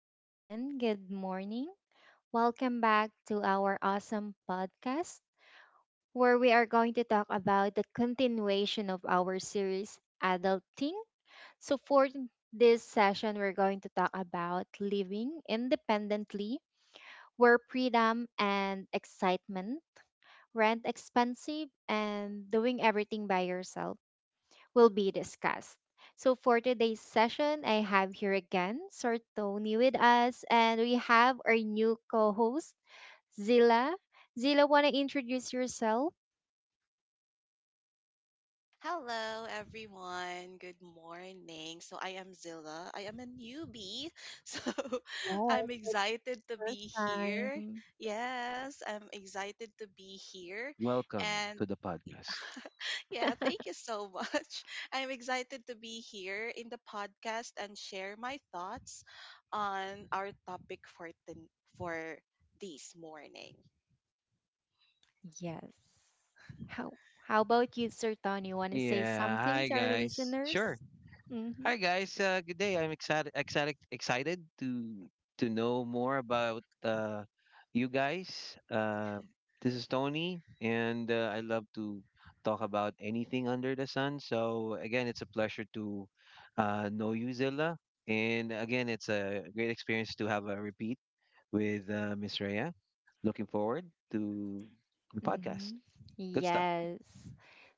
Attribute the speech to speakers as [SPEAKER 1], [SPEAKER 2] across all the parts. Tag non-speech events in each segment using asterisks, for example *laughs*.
[SPEAKER 1] everyone. Good morning. Welcome back to our awesome podcast where we are going to talk about the continuation of our series, Adulting. For this session, we're going to talk about living independently, where freedom and excitement rent expensive, and doing everything by yourself will be discussed. So, for today's session, I have here again Sir Tony with us, and we have our new co host, Zila. Zila, want to introduce yourself?
[SPEAKER 2] Hello, everyone. Good morning. I am Zilla. I am a newbie. *laughs* So,
[SPEAKER 1] Yes,
[SPEAKER 2] I'm excited to
[SPEAKER 1] first
[SPEAKER 2] be here.
[SPEAKER 1] time.
[SPEAKER 2] Yes, I'm excited to be here.
[SPEAKER 3] Welcome
[SPEAKER 2] And
[SPEAKER 3] to the podcast.
[SPEAKER 2] yeah, thank
[SPEAKER 1] *laughs*
[SPEAKER 2] you so much. *laughs* I'm excited to be here in the podcast and share my thoughts on our topic for, for this morning.
[SPEAKER 1] Yes. How, how about you, Sir Tony? Want to say
[SPEAKER 3] Yeah,
[SPEAKER 1] something
[SPEAKER 3] hi
[SPEAKER 1] to our
[SPEAKER 3] guys. Sure.
[SPEAKER 1] listeners? Hmm.
[SPEAKER 3] Hi guys. Good day. I'm excited to know more about you guys. This is Tony, and I love to talk about anything under the sun. So again, it's a pleasure to know you, Zilla. And again, it's a great experience to have a repeat with Miss Rhea. Looking forward to the podcast.
[SPEAKER 1] Mm-hmm.
[SPEAKER 3] Good stuff.
[SPEAKER 1] Yes.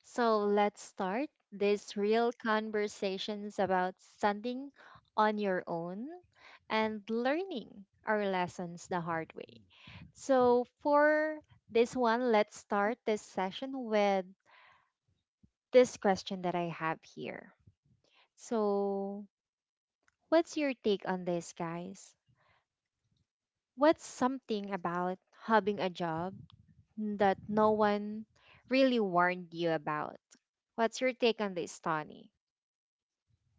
[SPEAKER 1] So let's start this real conversations about standing on your own and learning our lessons the hard way. So for this one, let's start this session with this question that I have here. So what's your take on this, guys? What's something about having a job that no one really warned you about? What's your take on this, Tony?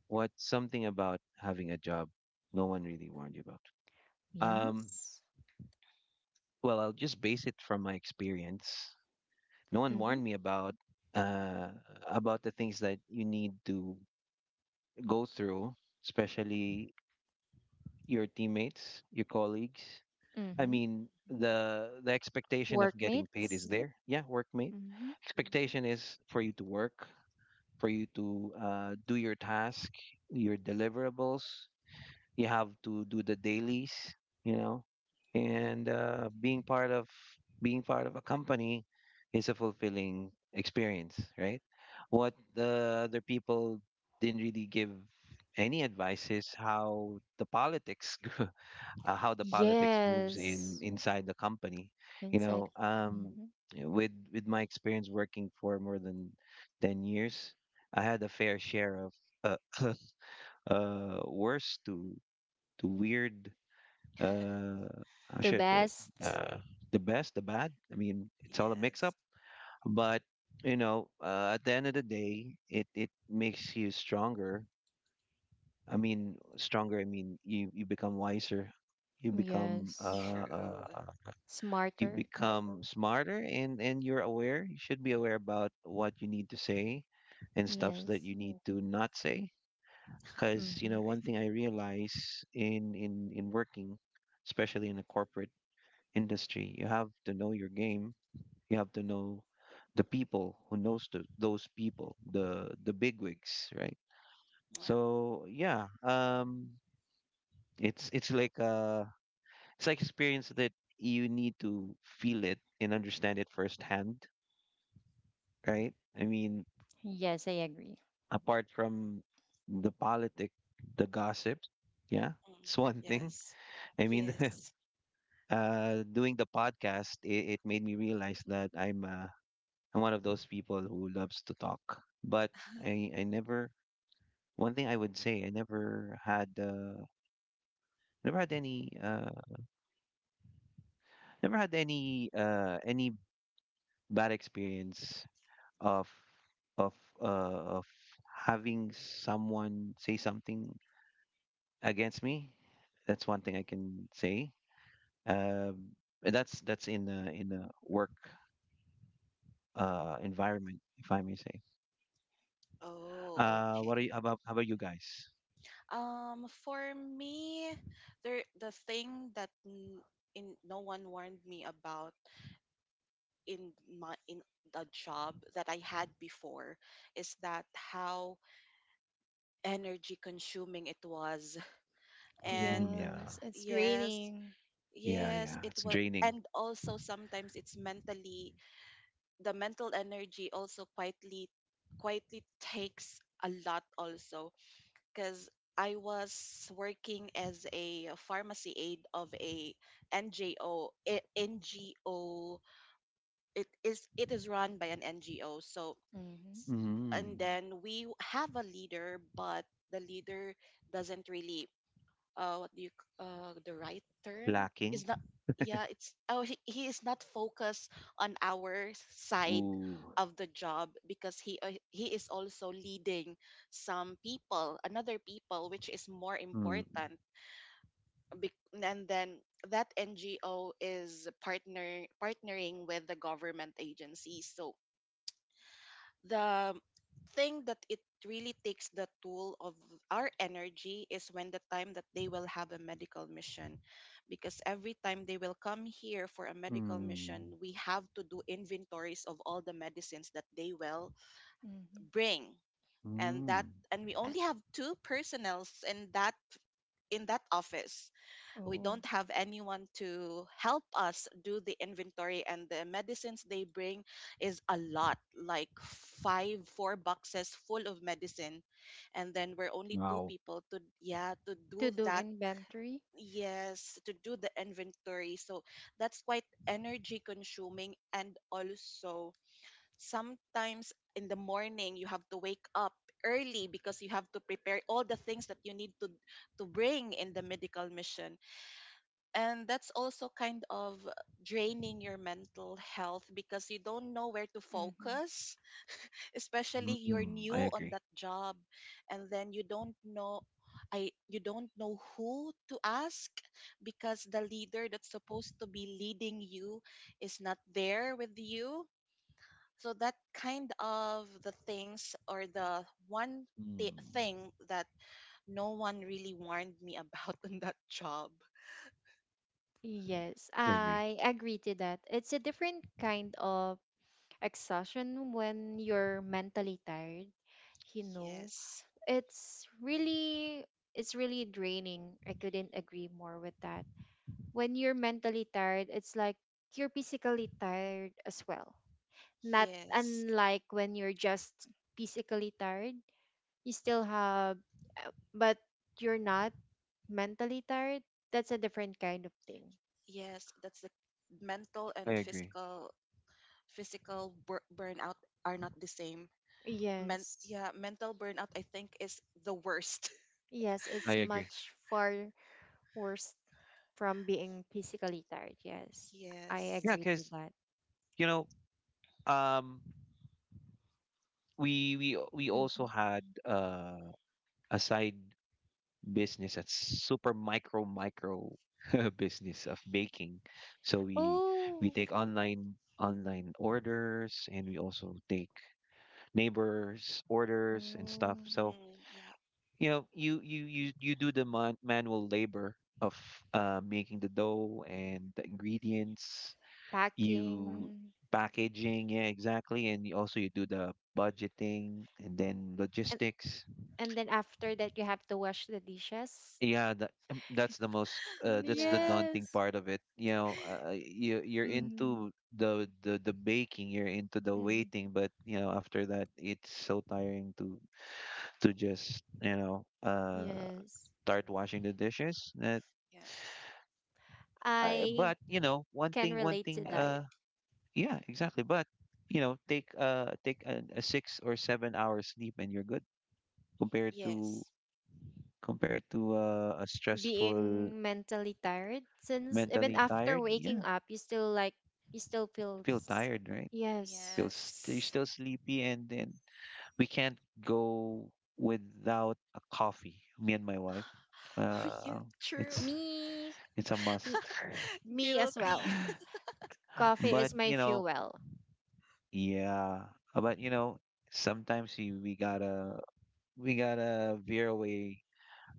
[SPEAKER 3] What something about having a job no one really warned you about? Um,
[SPEAKER 1] Yes.
[SPEAKER 3] well, I'll just base it from my experience. No one
[SPEAKER 1] Mm-hmm.
[SPEAKER 3] warned me uh, about the things that you need to go through, especially your teammates, your colleagues. I
[SPEAKER 1] Mm-hmm.
[SPEAKER 3] mean, the expectation of getting paid is
[SPEAKER 1] Workmates.
[SPEAKER 3] there. Yeah, workmate.
[SPEAKER 1] Mm-hmm.
[SPEAKER 3] Expectation is for you to work, for you to do your task, your deliverables. You have to do the dailies you know and being part of a company is a fulfilling experience, right? What the other people didn't really give any advice is how the politics *laughs* how the politics moves in
[SPEAKER 1] Yes.
[SPEAKER 3] inside the company. you
[SPEAKER 1] Inside.
[SPEAKER 3] know um
[SPEAKER 1] Mm-hmm.
[SPEAKER 3] with my experience working for more than 10 years, I had a fair share of uh, *laughs* worse to weird, uh how
[SPEAKER 1] The
[SPEAKER 3] should I put it?
[SPEAKER 1] best.
[SPEAKER 3] Uh the best, the bad. I mean, it's all a mix up,
[SPEAKER 2] Yes,
[SPEAKER 3] but at the end of the day, it makes you stronger. I mean, stronger, I mean, you become wiser. You become
[SPEAKER 1] Yes.
[SPEAKER 3] uh,
[SPEAKER 2] true.
[SPEAKER 3] uh you
[SPEAKER 1] Smarter.
[SPEAKER 3] become smarter, and you're aware. You should be aware about what you need to say, and stuffs that
[SPEAKER 1] Yes.
[SPEAKER 3] you need to not say. Because,
[SPEAKER 1] Mm-hmm.
[SPEAKER 2] *laughs* Great.
[SPEAKER 3] one thing I realize in working, especially in a corporate industry. You have to know your game. You have to know the people who knows those people, the bigwigs, right?
[SPEAKER 2] Yep.
[SPEAKER 3] So yeah, it's it's like uh, it's like experience that you need to feel it and understand it firsthand, right? I mean,
[SPEAKER 1] Yes, I agree.
[SPEAKER 3] apart from the politic, the gossip, yeah,
[SPEAKER 2] Mm.
[SPEAKER 3] it's *laughs* one thing.
[SPEAKER 2] Yes.
[SPEAKER 3] I mean,
[SPEAKER 2] Yes.
[SPEAKER 3] *laughs* doing the podcast, it made me realize that I'm one of those people who loves to talk, but I never, one thing I would say, I never had any uh, never had any bad experience of of of having someone say something against me. That's one thing I can say. Um, that's in a work environment, if I may say.
[SPEAKER 2] Oh, okay.
[SPEAKER 3] How about you guys?
[SPEAKER 2] For me, the thing that in no one warned me about in the job that I had before is that how energy consuming it was. *laughs* And
[SPEAKER 3] Mm, yeah.
[SPEAKER 1] Yes, it's
[SPEAKER 2] yes,
[SPEAKER 1] draining.
[SPEAKER 3] Yeah,
[SPEAKER 2] yes,
[SPEAKER 3] yeah.
[SPEAKER 2] it
[SPEAKER 3] It's
[SPEAKER 2] was,
[SPEAKER 3] draining.
[SPEAKER 2] and also sometimes it's mentally, the mental energy also quietly takes a lot also because I was working as a pharmacy aide of a NGO. NGO. It is run by an NGO. So
[SPEAKER 1] Mm-hmm.
[SPEAKER 2] s- and
[SPEAKER 3] Mm.
[SPEAKER 2] then we have a leader, but the leader doesn't really, what do you c- the right term
[SPEAKER 3] Lacking.
[SPEAKER 2] is not, yeah, it's oh he is not focused on our side
[SPEAKER 3] Ooh.
[SPEAKER 2] of the job because he is also leading some people, another people, which is more
[SPEAKER 3] Mm.
[SPEAKER 2] important. And then that NGO is partnering with the government agencies, so the thing that it really takes the toll of our energy is when the time that they will have a medical mission, because every time they will come here for a medical
[SPEAKER 3] Mm.
[SPEAKER 2] mission, we have to do inventories of all the medicines that they will
[SPEAKER 1] Mm-hmm.
[SPEAKER 2] bring. and that
[SPEAKER 3] Mm.
[SPEAKER 2] and we
[SPEAKER 1] Uh,
[SPEAKER 2] only have two personnels in that office. We
[SPEAKER 1] oh,
[SPEAKER 2] don't have anyone to help us do the inventory, and the medicines they bring is a lot, like five four boxes full of medicine, and then we're only two
[SPEAKER 3] Wow.
[SPEAKER 2] people to, yeah, to
[SPEAKER 1] to
[SPEAKER 2] do
[SPEAKER 1] do
[SPEAKER 2] that.
[SPEAKER 1] inventory.
[SPEAKER 2] Yes, to do the inventory. So that's quite energy consuming, and also sometimes in the morning you have to wake up early because you have to prepare all the things that you need to bring in the medical mission, and that's also kind of draining your mental health because you don't know where to
[SPEAKER 1] Mm-hmm.
[SPEAKER 2] focus, especially you're
[SPEAKER 3] Mm.
[SPEAKER 2] new
[SPEAKER 3] I
[SPEAKER 2] on
[SPEAKER 3] agree.
[SPEAKER 2] that job, and then you don't know, I you don't know who to ask because the leader that's supposed to be leading you is not there with you. So that kind of the things or the one
[SPEAKER 3] Mm.
[SPEAKER 2] thing that no one really warned me about *laughs* in that job.
[SPEAKER 1] Yes,
[SPEAKER 3] I agree.
[SPEAKER 1] I agree to that. It's a different kind of exhaustion when you're mentally tired, you know,
[SPEAKER 2] Yes.
[SPEAKER 1] it's really it's really draining. I couldn't agree more with that. When you're mentally tired, it's like you're physically tired as well, not
[SPEAKER 2] Yes,
[SPEAKER 1] unlike when you're just physically tired. You still have, but you're not mentally tired. That's a different kind of thing.
[SPEAKER 2] yes, that's the mental
[SPEAKER 3] I
[SPEAKER 2] and
[SPEAKER 3] agree.
[SPEAKER 2] physical burnout are not the same.
[SPEAKER 1] Yes,
[SPEAKER 2] Mental burnout I think is the worst. *laughs*
[SPEAKER 1] yes,
[SPEAKER 3] I
[SPEAKER 1] it's
[SPEAKER 3] agree.
[SPEAKER 1] much far worse from being physically tired. Yes, I
[SPEAKER 2] Yes.
[SPEAKER 3] Yeah,
[SPEAKER 1] agree to
[SPEAKER 3] because
[SPEAKER 1] that.
[SPEAKER 3] you know, um, we we also
[SPEAKER 1] Hmm.
[SPEAKER 3] had a side business that's super micro micro *laughs* business of baking. So we
[SPEAKER 1] Oh.
[SPEAKER 3] take online orders, and we also take neighbors' orders and stuff.
[SPEAKER 1] Oh.
[SPEAKER 3] So,
[SPEAKER 2] Mm, yeah.
[SPEAKER 3] you do the manual labor of making the dough and the ingredients, you
[SPEAKER 1] Packing.
[SPEAKER 3] packaging, yeah, exactly, and you also you do the budgeting and then
[SPEAKER 1] and
[SPEAKER 3] logistics.
[SPEAKER 1] and then after that you have to wash the dishes.
[SPEAKER 3] Yeah, that, that's the most that's the
[SPEAKER 2] Yeah.
[SPEAKER 3] daunting
[SPEAKER 1] Yes.
[SPEAKER 3] part of it. You know, you you're
[SPEAKER 1] Mm-hmm.
[SPEAKER 3] into the baking, you're into the
[SPEAKER 1] Mm-hmm.
[SPEAKER 3] waiting, but after that, it's so tiring to just
[SPEAKER 1] Yes,
[SPEAKER 3] start washing the dishes.
[SPEAKER 2] Yeah.
[SPEAKER 1] I
[SPEAKER 3] But one
[SPEAKER 1] can
[SPEAKER 3] thing one
[SPEAKER 1] relate to
[SPEAKER 3] thing
[SPEAKER 1] that.
[SPEAKER 3] yeah, exactly. But take a 6 or 7 hour sleep and you're good, compared to
[SPEAKER 2] Yes.
[SPEAKER 3] compared to a stressful,
[SPEAKER 1] Being mentally tired, since even
[SPEAKER 3] mentally
[SPEAKER 1] after
[SPEAKER 3] tired, yeah,
[SPEAKER 1] waking up, you still like you still feel.
[SPEAKER 3] feel tired, right?
[SPEAKER 1] Yes,
[SPEAKER 3] You're
[SPEAKER 2] Yes.
[SPEAKER 3] still sleepy, and then we can't go without a coffee, me and my wife.
[SPEAKER 2] *laughs* Oh yeah,
[SPEAKER 3] uh
[SPEAKER 2] true.
[SPEAKER 3] it's
[SPEAKER 1] me,
[SPEAKER 3] it's a must.
[SPEAKER 1] me
[SPEAKER 2] *laughs*
[SPEAKER 1] me as
[SPEAKER 2] Guilty.
[SPEAKER 1] well.
[SPEAKER 3] *laughs*
[SPEAKER 1] Coffee
[SPEAKER 3] But,
[SPEAKER 1] is my
[SPEAKER 3] you know,
[SPEAKER 1] fuel.
[SPEAKER 3] yeah. But, you know, sometimes we gotta veer away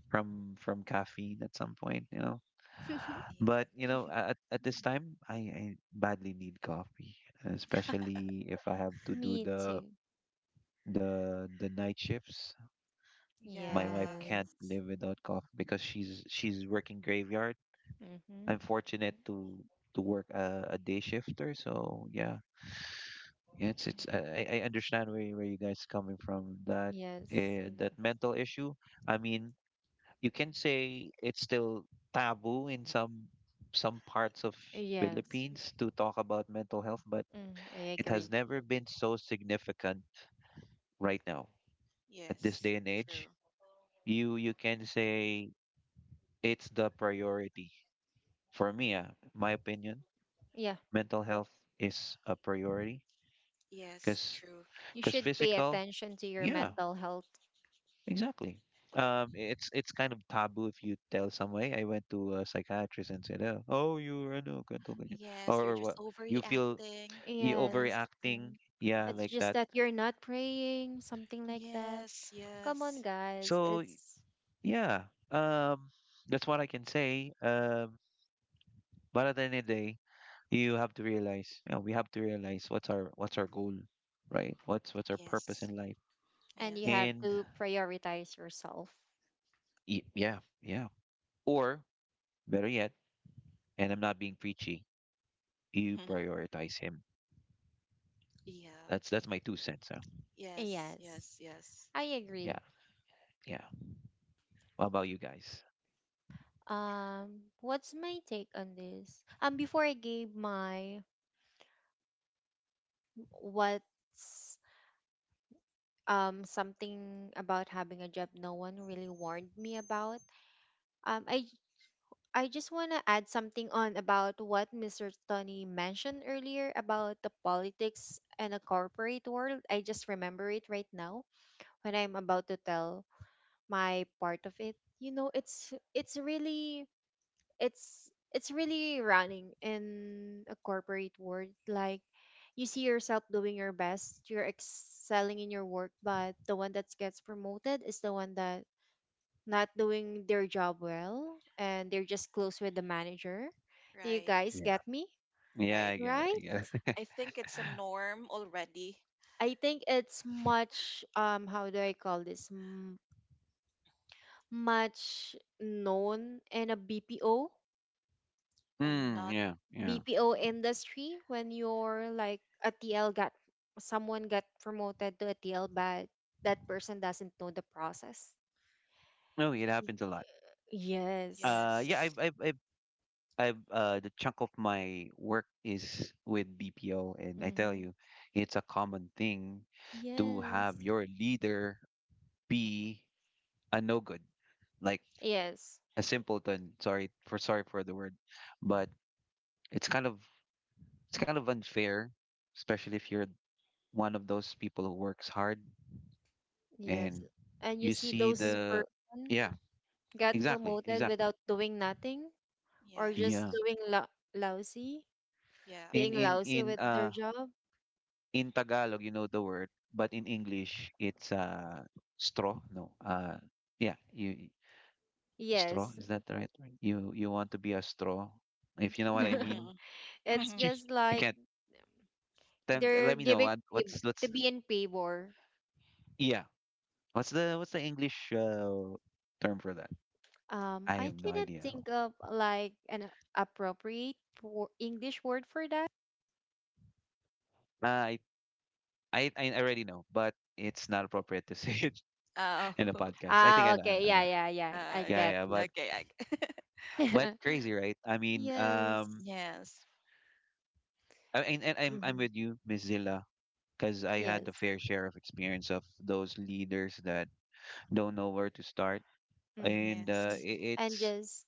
[SPEAKER 3] from caffeine at some point.
[SPEAKER 1] *laughs*
[SPEAKER 3] But you
[SPEAKER 2] *laughs* Yeah.
[SPEAKER 3] know, at this time, I badly need coffee, especially if I have to do
[SPEAKER 1] Me
[SPEAKER 3] the
[SPEAKER 1] too.
[SPEAKER 3] the the night shifts. My wife
[SPEAKER 2] Yeah.
[SPEAKER 3] can't
[SPEAKER 1] Yes.
[SPEAKER 3] live without coffee because she's working graveyard.
[SPEAKER 1] Mm-hmm.
[SPEAKER 3] I'm fortunate to work a day shifter, so yeah. Yeah, it's I understand where you guys coming from, that
[SPEAKER 1] Yes.
[SPEAKER 3] that mental issue. I mean, you can say it's still taboo in some parts of
[SPEAKER 1] Yes.
[SPEAKER 3] Philippines to talk about mental health, but
[SPEAKER 1] Mm, I
[SPEAKER 3] it has
[SPEAKER 1] agree.
[SPEAKER 3] never been so significant right now, at this
[SPEAKER 2] Yes.
[SPEAKER 3] day and age.
[SPEAKER 2] True.
[SPEAKER 3] You can say it's the priority for me.
[SPEAKER 2] Mm.
[SPEAKER 3] My opinion,
[SPEAKER 1] Yeah.
[SPEAKER 3] mental health is a priority,
[SPEAKER 2] Yes,
[SPEAKER 3] because
[SPEAKER 2] true.
[SPEAKER 1] You
[SPEAKER 3] because
[SPEAKER 1] should pay
[SPEAKER 3] physical,
[SPEAKER 1] attention to your
[SPEAKER 3] yeah.
[SPEAKER 1] mental health.
[SPEAKER 3] Exactly. It's kind of taboo if you tell someone, "Hey, I went to a psychiatrist and said, oh, you're ano, ganito, ganyan,"
[SPEAKER 2] Yes, you're
[SPEAKER 3] or
[SPEAKER 2] just
[SPEAKER 3] what you feel.
[SPEAKER 2] overreacting
[SPEAKER 3] You
[SPEAKER 2] like that.
[SPEAKER 1] Yes.
[SPEAKER 3] overreacting, Mm, yeah,
[SPEAKER 1] It's
[SPEAKER 3] like
[SPEAKER 2] Mm.
[SPEAKER 1] just
[SPEAKER 3] that.
[SPEAKER 1] that you're not praying, something like that.
[SPEAKER 2] Yes,
[SPEAKER 1] Come on,
[SPEAKER 2] yes.
[SPEAKER 1] guys.
[SPEAKER 3] So
[SPEAKER 1] It's,
[SPEAKER 3] yeah, um, that's what I can say. But at the end of the day, you have to realize, you know, we have to realize what's our goal, right? What's our purpose
[SPEAKER 2] Yes.
[SPEAKER 3] in life,
[SPEAKER 1] and you
[SPEAKER 2] Yes.
[SPEAKER 1] have
[SPEAKER 3] and
[SPEAKER 1] to prioritize yourself.
[SPEAKER 3] yeah, yeah. Or better yet, and I'm not being preachy, you
[SPEAKER 2] *laughs*
[SPEAKER 3] prioritize him.
[SPEAKER 2] Yeah.
[SPEAKER 3] That's my two cents. Huh?
[SPEAKER 2] Yes.
[SPEAKER 1] Yes.
[SPEAKER 2] Yes. Yes.
[SPEAKER 1] I
[SPEAKER 3] Yeah,
[SPEAKER 1] agree.
[SPEAKER 3] yeah. What about you guys?
[SPEAKER 1] What's my take on this? Before I gave my what's Something about having a job no one really warned me about. Um I I just want to add something on about what Mr. Tony mentioned earlier about the politics and the corporate world. I just remember it right now when I'm about to tell my part of it. You know, it's really it's really running in a corporate world, like you see yourself doing your best, you're excelling in your work, but the one that gets promoted is the one that not doing their job well, and they're just close with the manager. Do you
[SPEAKER 2] Right.
[SPEAKER 1] guys
[SPEAKER 3] Yeah.
[SPEAKER 1] get me,
[SPEAKER 3] Yeah,
[SPEAKER 2] Right.
[SPEAKER 3] I get it. I
[SPEAKER 1] right?
[SPEAKER 3] get it. *laughs*
[SPEAKER 2] I think it's a norm already
[SPEAKER 1] I think it's much, how do I call this? Much known in a bpo
[SPEAKER 2] and
[SPEAKER 3] Mm,
[SPEAKER 2] not.
[SPEAKER 3] yeah, yeah.
[SPEAKER 1] BPO
[SPEAKER 2] m-
[SPEAKER 1] industry when you're like a TL got, someone got promoted to a TL but that person doesn't know the process.
[SPEAKER 3] No, it
[SPEAKER 2] mm,
[SPEAKER 1] Y-
[SPEAKER 3] happens a lot.
[SPEAKER 1] Yes.
[SPEAKER 3] Yeah,
[SPEAKER 2] Yes.
[SPEAKER 3] the chunk of my work is with BPO, and I tell
[SPEAKER 1] Mm-hmm.
[SPEAKER 3] you, it's a common thing to
[SPEAKER 1] Yes.
[SPEAKER 3] have your leader be
[SPEAKER 2] *laughs*
[SPEAKER 3] a no good, like
[SPEAKER 1] Yes.
[SPEAKER 3] a simpleton. Sorry for the word, but it's kind of it's kind of unfair, especially if you're one of those people who works hard,
[SPEAKER 1] Yes.
[SPEAKER 3] and
[SPEAKER 1] And you
[SPEAKER 3] you
[SPEAKER 1] see
[SPEAKER 3] see
[SPEAKER 1] those
[SPEAKER 3] the,
[SPEAKER 1] person
[SPEAKER 3] yeah,
[SPEAKER 1] got
[SPEAKER 3] exactly,
[SPEAKER 1] promoted
[SPEAKER 3] exactly,
[SPEAKER 1] without doing nothing, or just
[SPEAKER 3] yeah.
[SPEAKER 2] Yes.
[SPEAKER 1] doing lousy,
[SPEAKER 2] Yeah.
[SPEAKER 1] being
[SPEAKER 3] in in
[SPEAKER 1] lousy
[SPEAKER 3] in
[SPEAKER 1] with their
[SPEAKER 3] uh
[SPEAKER 1] job.
[SPEAKER 3] in tagalog you know the word, but in English it's straw, no, yeah. Straw,
[SPEAKER 1] Yes.
[SPEAKER 3] is that the right word? You want to be a straw, if you know what I mean.
[SPEAKER 1] *laughs*
[SPEAKER 2] Mm-mm.
[SPEAKER 1] It's
[SPEAKER 2] Mm-hmm.
[SPEAKER 3] Jeez.
[SPEAKER 1] just
[SPEAKER 3] I
[SPEAKER 1] like
[SPEAKER 3] can't, then
[SPEAKER 1] they're
[SPEAKER 3] let me know what what's
[SPEAKER 1] to
[SPEAKER 3] what's
[SPEAKER 1] be in favor.
[SPEAKER 3] yeah, what's the English term for that? I
[SPEAKER 1] I
[SPEAKER 3] have no
[SPEAKER 1] cannot
[SPEAKER 3] idea.
[SPEAKER 1] think of like an appropriate English word for that.
[SPEAKER 3] Uh, i I already know, but it's not appropriate to *laughs* say it
[SPEAKER 2] Oh.
[SPEAKER 3] in a
[SPEAKER 2] *laughs*
[SPEAKER 3] podcast. I think
[SPEAKER 1] Ah,
[SPEAKER 3] I know, I know,
[SPEAKER 1] okay.
[SPEAKER 3] I
[SPEAKER 1] Yeah,
[SPEAKER 3] know.
[SPEAKER 1] yeah, yeah. I
[SPEAKER 2] Uh,
[SPEAKER 3] Yeah,
[SPEAKER 1] get
[SPEAKER 3] yeah,
[SPEAKER 2] yeah.
[SPEAKER 3] but
[SPEAKER 1] you.
[SPEAKER 3] but crazy,
[SPEAKER 1] *laughs*
[SPEAKER 3] right? I mean,
[SPEAKER 2] *laughs*
[SPEAKER 1] Yes.
[SPEAKER 2] Yes.
[SPEAKER 3] and I'm
[SPEAKER 1] Mm-hmm.
[SPEAKER 3] with you, Miss Zilla, because I had the
[SPEAKER 1] Yes.
[SPEAKER 3] fair share of experience of those leaders that don't know where to start,
[SPEAKER 1] Mm-hmm.
[SPEAKER 3] and
[SPEAKER 2] Yes.
[SPEAKER 1] And
[SPEAKER 3] it's,
[SPEAKER 1] just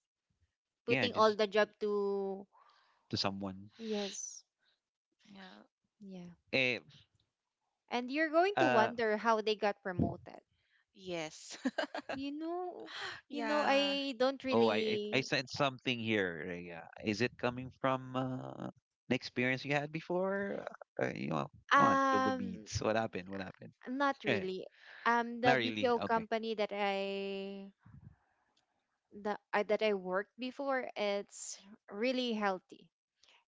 [SPEAKER 3] yeah,
[SPEAKER 1] putting all
[SPEAKER 3] just
[SPEAKER 1] the job to,
[SPEAKER 3] to someone.
[SPEAKER 1] yes.
[SPEAKER 2] Yeah.
[SPEAKER 1] Yeah.
[SPEAKER 3] Eh,
[SPEAKER 1] And you're going to
[SPEAKER 3] uh,
[SPEAKER 1] wonder how they got promoted.
[SPEAKER 2] Yes.
[SPEAKER 1] You know,
[SPEAKER 2] *laughs*
[SPEAKER 1] you know,
[SPEAKER 2] Yeah.
[SPEAKER 1] I don't
[SPEAKER 3] oh, I
[SPEAKER 1] really,
[SPEAKER 3] sent something here, Rhea. Is it coming from an experience you had before? Uh, you know, Come on, spill the
[SPEAKER 1] um,
[SPEAKER 3] beads. What happened? What happened?
[SPEAKER 1] not
[SPEAKER 3] Eh,
[SPEAKER 1] really. Um,
[SPEAKER 3] Not
[SPEAKER 1] the BPO
[SPEAKER 3] really. Okay.
[SPEAKER 1] company that I The that I worked before, it's really healthy.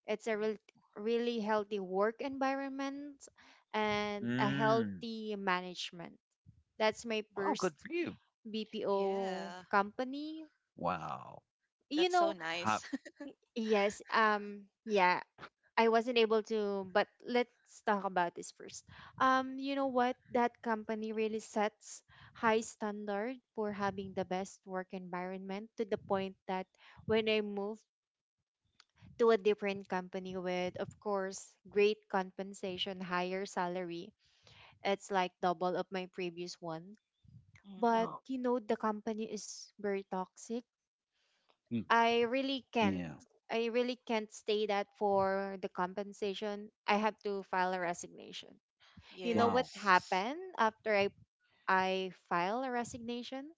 [SPEAKER 1] It's a really healthy work environment and a
[SPEAKER 3] Mm.
[SPEAKER 1] healthy management. That's my
[SPEAKER 3] Oh,
[SPEAKER 1] first
[SPEAKER 3] good for you.
[SPEAKER 1] BPO
[SPEAKER 2] Yeah.
[SPEAKER 1] company.
[SPEAKER 3] Wow.
[SPEAKER 1] You
[SPEAKER 2] That's so
[SPEAKER 1] know,
[SPEAKER 3] How,
[SPEAKER 2] nice.
[SPEAKER 1] yes, yeah, I wasn't able to, but let's talk about this first. You know what? That company really sets high standard for having the best work environment to the point that when I moved to a different company with, of course, great compensation, higher salary. It's like double of my previous one.
[SPEAKER 2] *laughs*
[SPEAKER 1] But
[SPEAKER 2] Mm-hmm.
[SPEAKER 3] wow.
[SPEAKER 1] you know, the company is very toxic.
[SPEAKER 3] Mm,
[SPEAKER 1] I really can't.
[SPEAKER 3] yeah.
[SPEAKER 1] I really can't stay that for the compensation. I have to file a resignation. You know what
[SPEAKER 3] Wow.
[SPEAKER 2] Yes.
[SPEAKER 1] happened after I file a resignation?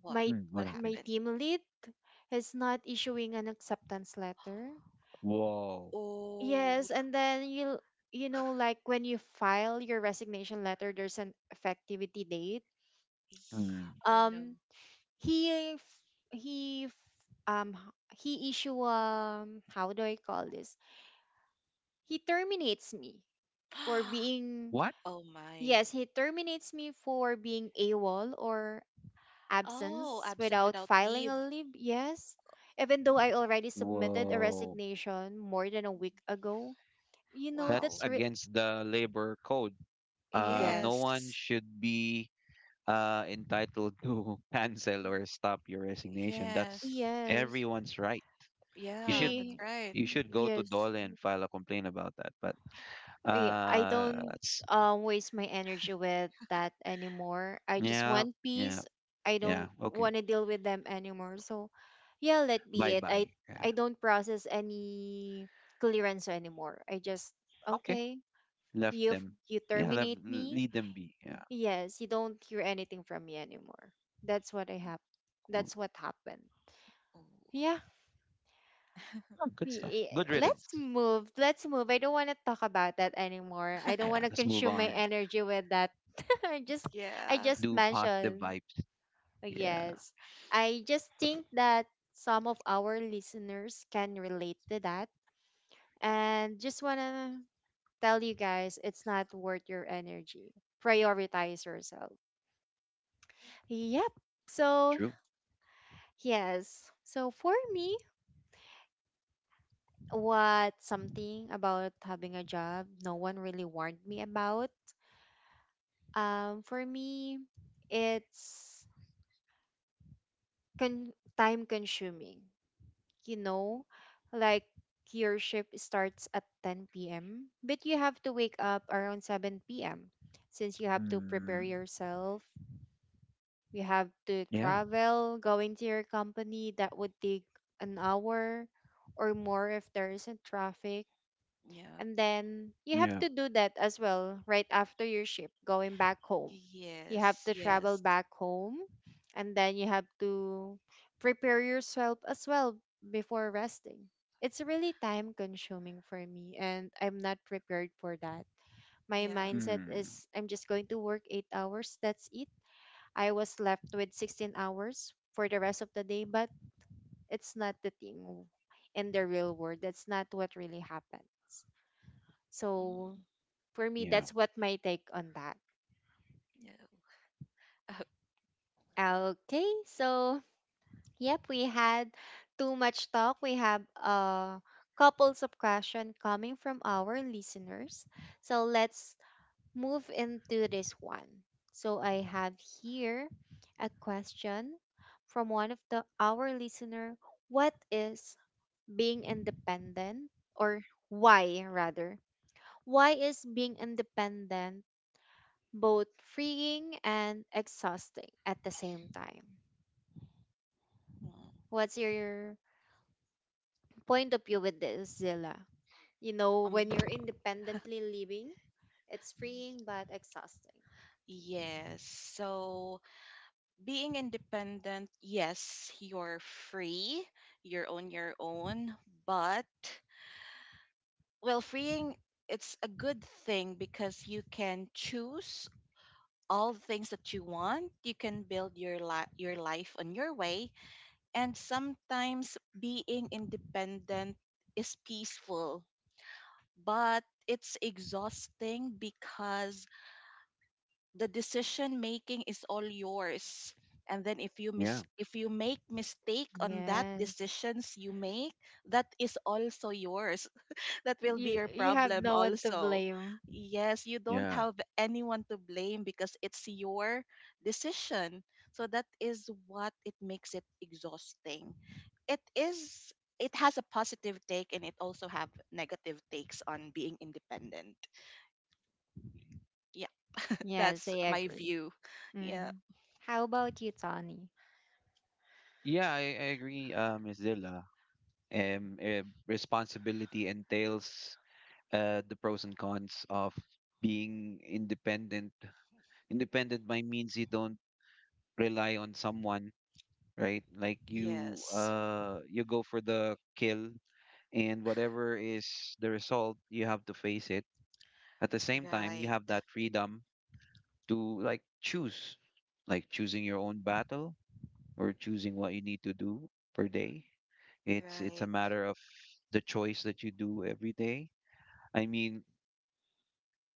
[SPEAKER 2] What?
[SPEAKER 1] My
[SPEAKER 3] Mm,
[SPEAKER 2] What
[SPEAKER 3] what happened?
[SPEAKER 1] my
[SPEAKER 2] happened?
[SPEAKER 1] team lead is not issuing an acceptance letter.
[SPEAKER 3] Whoa.
[SPEAKER 2] Oh,
[SPEAKER 1] Yes, and then you know, like when you file your resignation letter there's an effectivity date.
[SPEAKER 2] Ye-
[SPEAKER 3] Mm,
[SPEAKER 2] oh no.
[SPEAKER 1] Um he f- he f- um he issue, how do I call this? He terminates me for
[SPEAKER 2] *gasps*
[SPEAKER 1] being,
[SPEAKER 3] what?
[SPEAKER 2] Oh my.
[SPEAKER 1] yes, he terminates me for being AWOL, or
[SPEAKER 2] Oh,
[SPEAKER 1] absence
[SPEAKER 2] absent
[SPEAKER 1] without
[SPEAKER 2] without
[SPEAKER 1] filing
[SPEAKER 2] leave.
[SPEAKER 1] a leave. Yes. Even though I
[SPEAKER 2] Mm.
[SPEAKER 1] already submitted a
[SPEAKER 3] Whoa.
[SPEAKER 1] resignation more than a week ago. You know,
[SPEAKER 3] That's
[SPEAKER 2] Wow.
[SPEAKER 3] against the labor code. No
[SPEAKER 1] yes.
[SPEAKER 3] one
[SPEAKER 2] Yes.
[SPEAKER 3] should be entitled to *laughs* cancel or stop your resignation. That's
[SPEAKER 2] Yes.
[SPEAKER 1] Yes,
[SPEAKER 3] everyone's right. You
[SPEAKER 2] Yeah,
[SPEAKER 3] should
[SPEAKER 2] that's
[SPEAKER 1] he,
[SPEAKER 2] right.
[SPEAKER 3] you should go to
[SPEAKER 1] yes,
[SPEAKER 3] DOLE and file a complaint about that. But
[SPEAKER 1] I
[SPEAKER 3] uh,
[SPEAKER 1] don't
[SPEAKER 3] it's-
[SPEAKER 1] waste my energy with that anymore. I just
[SPEAKER 3] yeah,
[SPEAKER 1] want
[SPEAKER 3] yeah,
[SPEAKER 1] peace. I
[SPEAKER 3] yeah.
[SPEAKER 1] don't
[SPEAKER 3] Okay.
[SPEAKER 1] want to deal with them anymore. So, yeah, let
[SPEAKER 3] Bye
[SPEAKER 1] be it.
[SPEAKER 3] bye.
[SPEAKER 1] I
[SPEAKER 3] Yeah.
[SPEAKER 1] I don't process any clearance anymore. I just
[SPEAKER 3] Okay.
[SPEAKER 1] okay,
[SPEAKER 3] Left
[SPEAKER 1] you
[SPEAKER 3] them.
[SPEAKER 1] you
[SPEAKER 3] Yeah, left,
[SPEAKER 1] terminate me.
[SPEAKER 3] lead them be. Yeah,
[SPEAKER 1] Yes, you don't hear anything from me anymore. That's what I have.
[SPEAKER 3] cool.
[SPEAKER 1] That's what happened.
[SPEAKER 2] Oh.
[SPEAKER 1] Yeah.
[SPEAKER 3] Oh, good stuff. Good
[SPEAKER 1] Let's
[SPEAKER 3] riddance.
[SPEAKER 1] move. Let's move. I don't want to talk about that anymore. I don't
[SPEAKER 3] Yeah,
[SPEAKER 1] want
[SPEAKER 2] *laughs*
[SPEAKER 1] to
[SPEAKER 3] let's move
[SPEAKER 1] consume my
[SPEAKER 3] on.
[SPEAKER 1] energy with that. *laughs* I just, I
[SPEAKER 2] Yeah.
[SPEAKER 3] Let's
[SPEAKER 1] just
[SPEAKER 3] do positive
[SPEAKER 1] mentioned.
[SPEAKER 3] vibes. Yeah,
[SPEAKER 1] Yes. I just think that some of our listeners can relate to that and just want to tell you guys it's not worth your energy. Prioritize yourself. Yep. So,
[SPEAKER 3] true.
[SPEAKER 1] yes. So for me, what something about having a job no one really warned me about. For me, it's time consuming, you know, like your shift starts at 10 p.m., but you have to wake up around 7 p.m. since you have to prepare
[SPEAKER 3] Mm,
[SPEAKER 1] yourself. You have to
[SPEAKER 3] yeah,
[SPEAKER 1] travel, going to your company, that would take an hour or more if there isn't traffic.
[SPEAKER 2] Yeah.
[SPEAKER 1] And then you have
[SPEAKER 3] yeah.
[SPEAKER 1] to do that as well right after your ship going back home. You have
[SPEAKER 2] Yes.
[SPEAKER 1] to travel
[SPEAKER 2] Yes.
[SPEAKER 1] back home, and then you have to prepare yourself as well before resting. It's really time consuming for me, and I'm not prepared for that. My
[SPEAKER 2] Yeah.
[SPEAKER 1] mindset
[SPEAKER 3] Mm,
[SPEAKER 1] is I'm just going to work 8 hours, that's it. I was left with 16 hours for the rest of the day, but it's not the thing in the real world. That's not what really happens. So
[SPEAKER 2] Mm.
[SPEAKER 1] for me,
[SPEAKER 3] yeah,
[SPEAKER 1] that's what my take on that.
[SPEAKER 2] Yeah. *laughs*
[SPEAKER 1] Okay, so yep, we had too much talk. We have couples of question coming from our listeners. So let's move into this one. So I have here a question from one of the our listener. What is being independent, or why rather? Why is being independent both freeing and exhausting at the same time.
[SPEAKER 2] Mm.
[SPEAKER 1] What's your point of view with this, Zilla? You know,
[SPEAKER 2] Um,
[SPEAKER 1] when you're independently living, it's
[SPEAKER 2] y-
[SPEAKER 1] freeing but exhausting.
[SPEAKER 2] yes. So being independent, yes, you're free, you're on your own, but, well, freeing, it's a good thing because you can choose all the things that you want. You can build your your life on your way, and sometimes being independent is peaceful, but it's exhausting because the decision making is all yours. And then if you
[SPEAKER 3] yeah,
[SPEAKER 2] if you make mistake on that
[SPEAKER 1] Yes.
[SPEAKER 2] decisions you make, that is also yours. That will be
[SPEAKER 1] You
[SPEAKER 2] your
[SPEAKER 1] you have
[SPEAKER 2] problem
[SPEAKER 1] no one to
[SPEAKER 2] also.
[SPEAKER 1] blame.
[SPEAKER 2] Yes, you don't
[SPEAKER 3] yeah.
[SPEAKER 2] have anyone to blame because it's your decision. So that is what it makes it exhausting. It is it has a positive take and it also have negative takes on being independent. Yeah, *laughs*
[SPEAKER 1] Yes,
[SPEAKER 2] that's
[SPEAKER 1] I
[SPEAKER 2] my
[SPEAKER 1] agree.
[SPEAKER 2] view. Yeah.
[SPEAKER 1] Mm-hmm. How about you, Tony?
[SPEAKER 3] Yeah, I agree, Ms. Zilla. Responsibility entails the pros and cons of being independent. Independent by means you don't rely on someone, right? Like you
[SPEAKER 2] Yes.
[SPEAKER 3] you go for the kill, and whatever is the result, you have to face it. At the same time, you have
[SPEAKER 2] Right.
[SPEAKER 3] that freedom to, like, choose, like choosing your own battle or choosing what you need to do per day. It's a
[SPEAKER 2] Right.
[SPEAKER 3] matter of the choice that you do every day. I mean,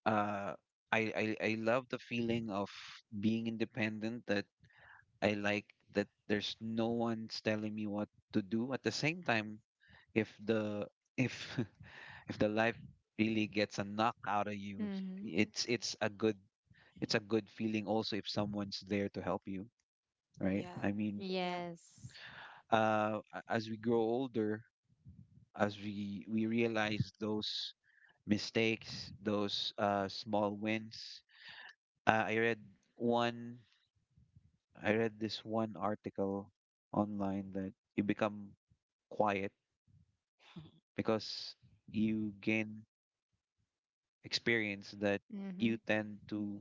[SPEAKER 3] uh I love the feeling of being independent, that I like that there's no one's telling me what to do. At the same time, if the if *laughs* if the life really gets a knock out of you,
[SPEAKER 1] Mm-hmm.
[SPEAKER 3] it's it's a good it's a good feeling also if someone's there to help you, right?
[SPEAKER 2] Yeah.
[SPEAKER 3] I mean,
[SPEAKER 2] Yeah.
[SPEAKER 1] Yes.
[SPEAKER 3] as we grow older, as we realize those mistakes, those small wins, uh, i read one I read this one article online, that you become quiet
[SPEAKER 2] *laughs*
[SPEAKER 3] because you gain experience, that
[SPEAKER 1] Mm-hmm.
[SPEAKER 3] you tend to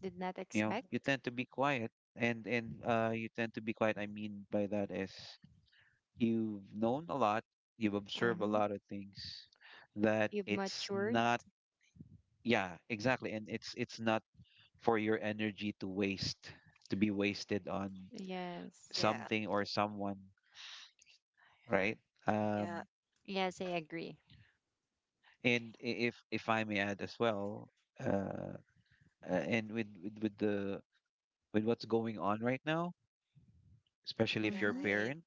[SPEAKER 1] Did not
[SPEAKER 3] you
[SPEAKER 1] expect.
[SPEAKER 3] tend to be quiet, and you tend to be quiet, I mean by that is you've known a lot, you've observed a
[SPEAKER 1] Mm-hmm.
[SPEAKER 3] lot of things, that
[SPEAKER 1] You've
[SPEAKER 3] it's
[SPEAKER 1] matured.
[SPEAKER 3] not, yeah, exactly, and it's not for your energy to be wasted on
[SPEAKER 1] Yes.
[SPEAKER 2] Yeah.
[SPEAKER 3] something or someone, right.
[SPEAKER 2] Yeah.
[SPEAKER 3] um
[SPEAKER 1] Yes, I agree.
[SPEAKER 3] and if I may add as well, uh and with what's going on right now, especially if you're a
[SPEAKER 1] Hmm.
[SPEAKER 2] Right.
[SPEAKER 3] parent.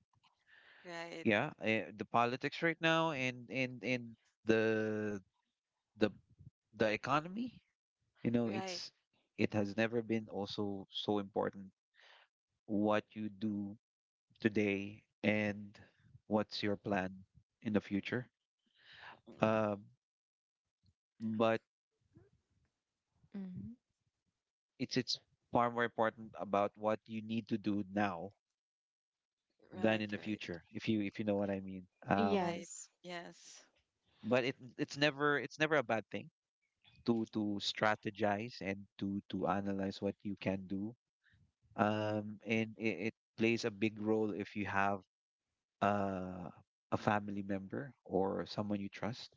[SPEAKER 2] Right.
[SPEAKER 3] Yeah, the politics right now and the the the economy, you know,
[SPEAKER 2] Right.
[SPEAKER 3] it has never been also so important what you do today and what's your plan in the future.
[SPEAKER 2] Mm.
[SPEAKER 3] Uh, but
[SPEAKER 1] Mm-hmm.
[SPEAKER 3] it's far more important about what you need to do now than
[SPEAKER 2] Right,
[SPEAKER 3] in the
[SPEAKER 2] right,
[SPEAKER 3] future, if you know what I mean.
[SPEAKER 2] right.
[SPEAKER 1] Yes,
[SPEAKER 2] Yes,
[SPEAKER 3] But it's never it's never a bad thing to strategize and to analyze what you can do, and it plays a big role if you have uh, a family member or someone you trust,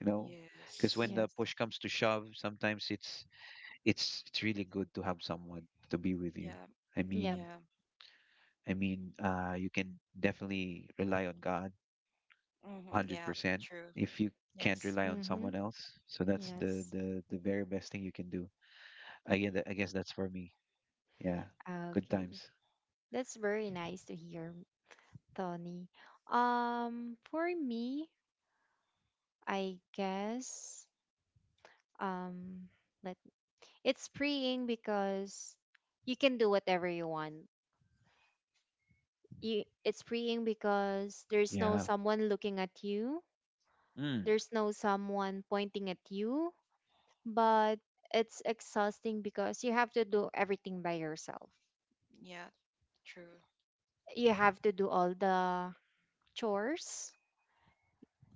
[SPEAKER 3] you know, because when
[SPEAKER 2] yes.
[SPEAKER 3] the
[SPEAKER 1] yes,
[SPEAKER 3] push comes to shove sometimes it's really good to have someone to be with you.
[SPEAKER 2] Yeah,
[SPEAKER 3] i
[SPEAKER 1] yep.
[SPEAKER 3] mean
[SPEAKER 2] yeah.
[SPEAKER 3] i mean uh you can definitely rely on God
[SPEAKER 2] Mm-hmm, yeah,
[SPEAKER 3] 100%,
[SPEAKER 2] true.
[SPEAKER 3] if you can't
[SPEAKER 2] Yes,
[SPEAKER 3] rely on
[SPEAKER 1] Mm-hmm.
[SPEAKER 3] someone else. So that's the
[SPEAKER 1] Yes.
[SPEAKER 3] the the very best thing you can do, I guess. That's for me. Yeah.
[SPEAKER 1] Ah,
[SPEAKER 3] Good
[SPEAKER 1] okay.
[SPEAKER 3] times.
[SPEAKER 1] That's very nice to hear, Tony. For me, I guess, um, let it's freeing because you can do whatever you want. It's freeing because there's no
[SPEAKER 3] Yeah.
[SPEAKER 1] someone looking at you,
[SPEAKER 3] Mm.
[SPEAKER 1] there's no someone pointing at you, but it's exhausting because you have to do everything by yourself.
[SPEAKER 2] yeah, true.
[SPEAKER 1] You have to do all the chores,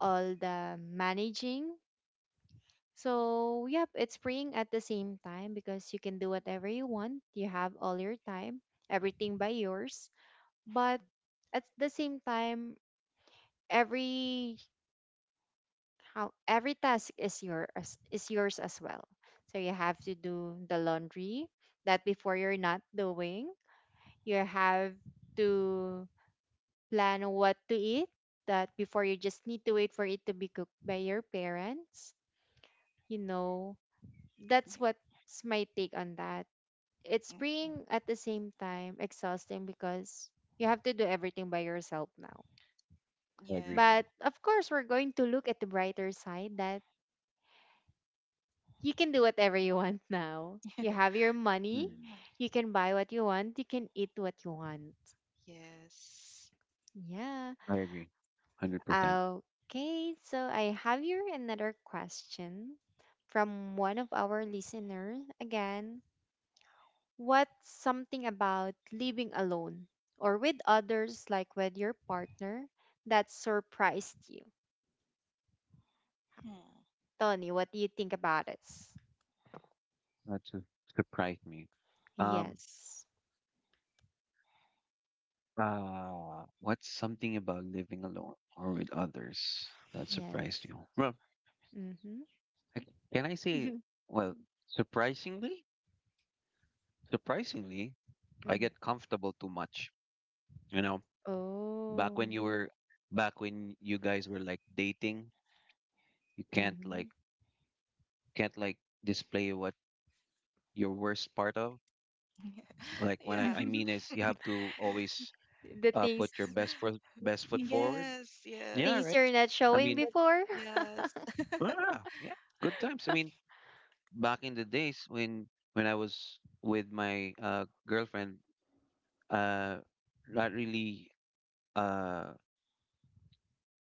[SPEAKER 1] all the managing. So, yep, it's freeing at the same time because you can do whatever you want. You have all your time, everything by yours. But at the same time, every, how every task is is yours as well. So you have to do the laundry that before you're not doing. You have to plan what to eat, that before you just need to wait for it to be cooked by your parents, you know. That's
[SPEAKER 2] Yeah,
[SPEAKER 1] what's my take on that. It's
[SPEAKER 2] mm, mm,
[SPEAKER 1] freeing at the same time exhausting because you have to do everything by yourself now,
[SPEAKER 3] I agree.
[SPEAKER 2] yeah.
[SPEAKER 1] but of course we're going to look at the brighter side that you can do whatever you *laughs* want now, you have
[SPEAKER 2] *laughs*
[SPEAKER 1] your money,
[SPEAKER 3] Mm.
[SPEAKER 1] you can buy what you want, you can eat what you want,
[SPEAKER 2] Yes.
[SPEAKER 1] yeah.
[SPEAKER 3] I agree. 100%.
[SPEAKER 1] Okay, so I have here another question from one of our listeners again. What's something about living alone or with others, like with your partner, that surprised you?
[SPEAKER 2] Hmm.
[SPEAKER 1] Tony, what do you think about it?
[SPEAKER 3] That su- Surprised me. Um,
[SPEAKER 1] Yes.
[SPEAKER 3] what's something about living alone or with others that
[SPEAKER 1] Yes.
[SPEAKER 3] surprised you? Well,
[SPEAKER 1] Mm-hmm.
[SPEAKER 3] I- can I say,
[SPEAKER 1] *laughs*
[SPEAKER 3] well, surprisingly, surprisingly, I
[SPEAKER 1] Mm.
[SPEAKER 3] get comfortable too much. You know, back
[SPEAKER 1] Oh.
[SPEAKER 3] when you were, back when you guys were like dating, you
[SPEAKER 1] Mm-hmm.
[SPEAKER 3] can't like display what your worst part of. Like when
[SPEAKER 2] Yeah.
[SPEAKER 3] I mean
[SPEAKER 1] *laughs*
[SPEAKER 3] is you have to always
[SPEAKER 1] The things,
[SPEAKER 3] put your best foot
[SPEAKER 1] Mhm.
[SPEAKER 3] forward.
[SPEAKER 2] Yes,
[SPEAKER 3] Yeah,
[SPEAKER 1] things
[SPEAKER 2] yes.
[SPEAKER 3] right.
[SPEAKER 1] you're not
[SPEAKER 3] I
[SPEAKER 1] showing
[SPEAKER 3] mean,
[SPEAKER 1] before. *laughs*
[SPEAKER 2] Yes. *laughs*
[SPEAKER 3] ah, yeah, yeah, good times. I mean, back in the days when I was with my girlfriend, uh, not really. Uh,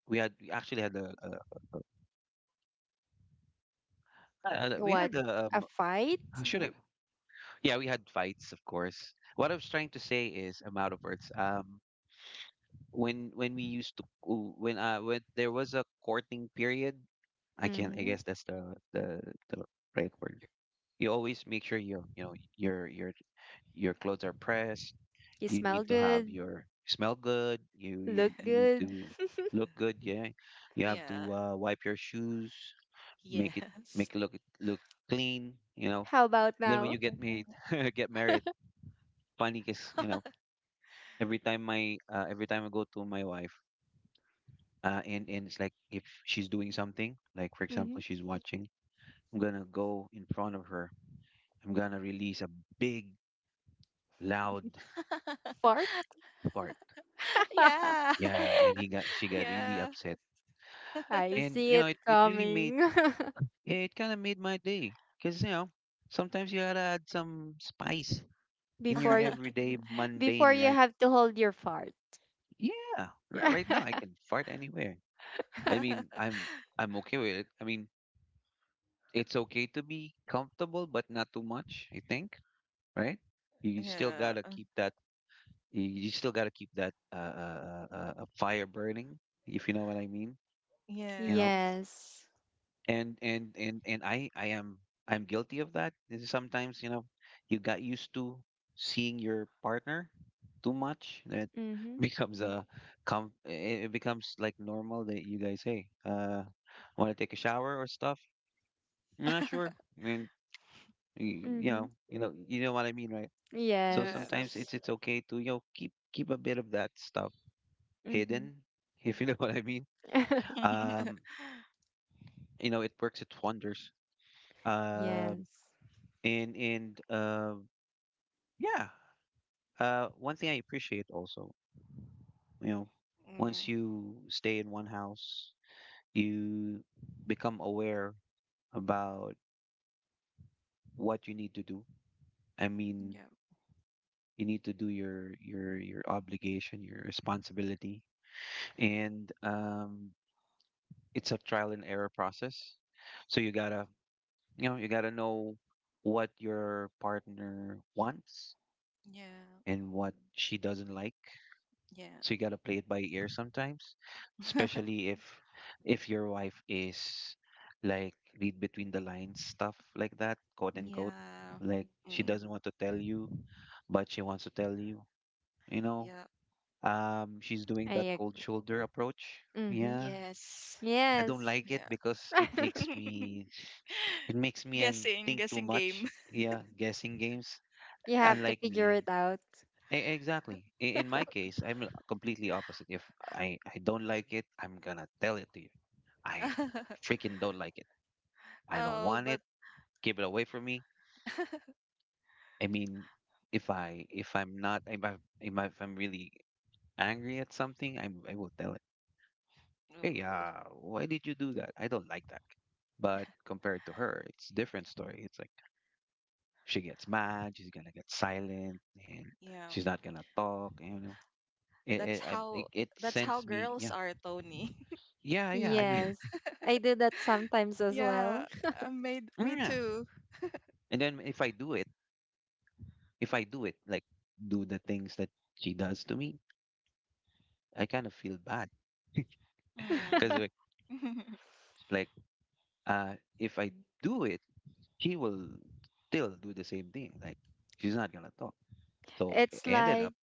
[SPEAKER 3] we had we actually had a had a- we
[SPEAKER 1] What?
[SPEAKER 3] had a
[SPEAKER 1] A fight?
[SPEAKER 3] how should I? Yeah, we had fights, of course. What I was trying to say is, I'm out of words. When we used to, when there was a courting period, I
[SPEAKER 1] Mm-hmm.
[SPEAKER 3] guess that's the right word. You always make sure you know your your clothes are pressed.
[SPEAKER 1] You
[SPEAKER 3] You
[SPEAKER 1] smell
[SPEAKER 3] need to have
[SPEAKER 1] good,
[SPEAKER 3] your smell good. You you
[SPEAKER 1] look
[SPEAKER 3] you need
[SPEAKER 1] good.
[SPEAKER 3] to look good. Yeah, you have to
[SPEAKER 2] Yeah.
[SPEAKER 3] wipe your shoes, make it
[SPEAKER 2] Yes.
[SPEAKER 3] make it look clean. You know.
[SPEAKER 1] How about
[SPEAKER 3] Then when you
[SPEAKER 1] now?
[SPEAKER 3] get married, *laughs* get married, funny because you know every time my every time I go to my wife, and it's like if she's doing something, like for
[SPEAKER 1] Mm-hmm.
[SPEAKER 3] example she's watching, I'm gonna go in front of her, I'm gonna release a big, loud
[SPEAKER 1] Fart?
[SPEAKER 2] *laughs*
[SPEAKER 3] fart.
[SPEAKER 2] Yeah.
[SPEAKER 1] *laughs*
[SPEAKER 2] *laughs*
[SPEAKER 3] Yeah, and he got she got really
[SPEAKER 2] Yeah.
[SPEAKER 3] upset,
[SPEAKER 1] I
[SPEAKER 3] and
[SPEAKER 1] see
[SPEAKER 3] you know
[SPEAKER 1] it
[SPEAKER 3] it really made
[SPEAKER 1] coming. *laughs*
[SPEAKER 3] it kind of made my day because you know sometimes you gotta add some spice in your
[SPEAKER 1] before y-
[SPEAKER 2] *laughs*
[SPEAKER 3] everyday
[SPEAKER 1] Before
[SPEAKER 3] mundane
[SPEAKER 1] you
[SPEAKER 3] life.
[SPEAKER 1] have to hold your fart.
[SPEAKER 3] Yeah, right,
[SPEAKER 1] Yeah.
[SPEAKER 3] right now I
[SPEAKER 1] *laughs*
[SPEAKER 3] can fart anywhere. I mean, I'm okay with it. I mean, it's okay to be comfortable, but not too much. I think, right? You still gotta
[SPEAKER 2] Yeah.
[SPEAKER 3] keep that you still got to keep that fire burning, if you know what I mean. You know,
[SPEAKER 2] Yes.
[SPEAKER 1] Yes.
[SPEAKER 3] and I'm guilty of that. Is sometimes you know you got used to seeing your partner too much that *laughs*
[SPEAKER 1] Mhm.
[SPEAKER 3] becomes a com it it becomes like normal that you guys, hey want to take a shower or stuff, not sure.
[SPEAKER 2] *laughs*
[SPEAKER 3] I mean, you
[SPEAKER 1] Mhm.
[SPEAKER 3] know you know you know what I mean, right? So
[SPEAKER 1] Yes.
[SPEAKER 3] sometimes
[SPEAKER 2] Yes.
[SPEAKER 3] it's okay to, you know, keep a bit of that stuff hidden,
[SPEAKER 1] Mhm.
[SPEAKER 3] if you know *laughs* what I mean.
[SPEAKER 1] *laughs*
[SPEAKER 3] Um,
[SPEAKER 2] *laughs*
[SPEAKER 3] you know, it works its wonders. Um,
[SPEAKER 1] Yes.
[SPEAKER 3] and Yeah, one thing I appreciate also, you know, once
[SPEAKER 2] Mm.
[SPEAKER 3] you stay in one house, you become aware about what you need to do. I mean,
[SPEAKER 2] Yeah,
[SPEAKER 3] you need to do your obligation, your responsibility, and it's a trial and error process. So you gotta, you know, you gotta know what your partner wants
[SPEAKER 2] yeah,
[SPEAKER 3] and what she doesn't like.
[SPEAKER 2] yeah,
[SPEAKER 3] So you gotta play it by ear sometimes,
[SPEAKER 2] *laughs*
[SPEAKER 3] especially if your wife is like read between the lines stuff like that, quote unquote.
[SPEAKER 2] yeah,
[SPEAKER 3] Like she
[SPEAKER 2] mm,
[SPEAKER 3] doesn't want to tell you, but she wants to tell you. You know,
[SPEAKER 2] yeah,
[SPEAKER 3] she's doing that
[SPEAKER 1] I
[SPEAKER 3] cold
[SPEAKER 1] agree.
[SPEAKER 3] shoulder approach.
[SPEAKER 1] Mhm.
[SPEAKER 3] Yeah,
[SPEAKER 2] yes,
[SPEAKER 3] I don't
[SPEAKER 1] Yes.
[SPEAKER 3] like it
[SPEAKER 2] yeah.
[SPEAKER 3] because
[SPEAKER 1] *laughs*
[SPEAKER 2] *laughs*
[SPEAKER 3] it makes me and
[SPEAKER 2] Guessing,
[SPEAKER 3] think too
[SPEAKER 2] guessing
[SPEAKER 3] much.
[SPEAKER 2] game.
[SPEAKER 3] Yeah, guessing games.
[SPEAKER 1] You have to
[SPEAKER 3] Unlike
[SPEAKER 1] figure
[SPEAKER 3] me.
[SPEAKER 1] it out.
[SPEAKER 3] Exactly. In my
[SPEAKER 1] *laughs*
[SPEAKER 3] case, I'm completely opposite. If I don't like it, I'm gonna tell it to you. I
[SPEAKER 2] *laughs*
[SPEAKER 3] freaking don't like it. I don't
[SPEAKER 2] Oh,
[SPEAKER 3] want it.
[SPEAKER 2] but
[SPEAKER 3] Give it away from me.
[SPEAKER 2] *laughs*
[SPEAKER 3] I mean, if I if I'm not if I if, I, if I'm really angry at something, I will tell it. Hey,
[SPEAKER 2] oh,
[SPEAKER 3] why did you do that? I don't like that. But compared to her, it's different story. It's like she gets mad, she's gonna get silent, and
[SPEAKER 2] yeah,
[SPEAKER 3] she's not gonna talk. You know,
[SPEAKER 2] that's
[SPEAKER 3] it
[SPEAKER 2] how
[SPEAKER 3] it
[SPEAKER 2] that's how
[SPEAKER 3] sends me.
[SPEAKER 2] girls
[SPEAKER 3] Yeah,
[SPEAKER 2] are, Tony. *laughs*
[SPEAKER 3] yeah, yeah, I mean,
[SPEAKER 1] Yes. I do that sometimes as well.
[SPEAKER 2] Yeah, I made me
[SPEAKER 3] yeah.
[SPEAKER 2] too.
[SPEAKER 3] And then if I do it like do the things that she does to me, I kind of feel bad *laughs*
[SPEAKER 2] Mm.
[SPEAKER 3] because like,
[SPEAKER 1] *laughs*
[SPEAKER 2] *laughs*
[SPEAKER 3] like if I do it, she will still do the same thing, like she's not gonna talk, so I
[SPEAKER 1] It's
[SPEAKER 3] ended
[SPEAKER 2] Mm,
[SPEAKER 1] like
[SPEAKER 3] up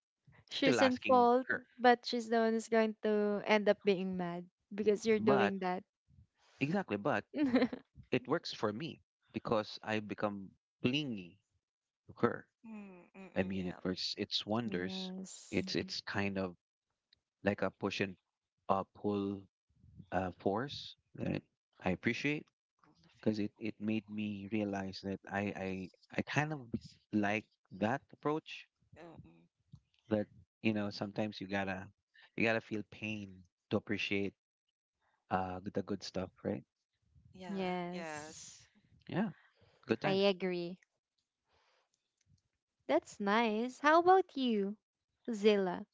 [SPEAKER 3] still
[SPEAKER 1] she's in
[SPEAKER 3] asking
[SPEAKER 1] fault,
[SPEAKER 3] her.
[SPEAKER 1] but she's the one who's going to end up being mad because you're
[SPEAKER 3] But
[SPEAKER 1] doing that.
[SPEAKER 3] exactly, but
[SPEAKER 1] *laughs*
[SPEAKER 3] it works for me because I become clingy to her.
[SPEAKER 2] mm, mm,
[SPEAKER 3] I
[SPEAKER 2] mm,
[SPEAKER 3] mean, it
[SPEAKER 2] yeah.
[SPEAKER 3] works it's wonders.
[SPEAKER 1] Yes.
[SPEAKER 3] It's Mhm. It's kind of like a push and pull force that I appreciate
[SPEAKER 2] Living
[SPEAKER 3] because it made me realize that
[SPEAKER 2] is
[SPEAKER 3] I
[SPEAKER 2] good
[SPEAKER 3] kind of
[SPEAKER 2] 'cause you can
[SPEAKER 3] like that approach,
[SPEAKER 2] leave. Oh, mm.
[SPEAKER 3] that you know sometimes you gotta, you gotta feel pain to appreciate the good stuff, right?
[SPEAKER 2] Yeah,
[SPEAKER 1] Yes.
[SPEAKER 2] yes.
[SPEAKER 3] Yeah, good
[SPEAKER 1] I
[SPEAKER 3] times.
[SPEAKER 1] agree. That's nice. How about you, Zilla?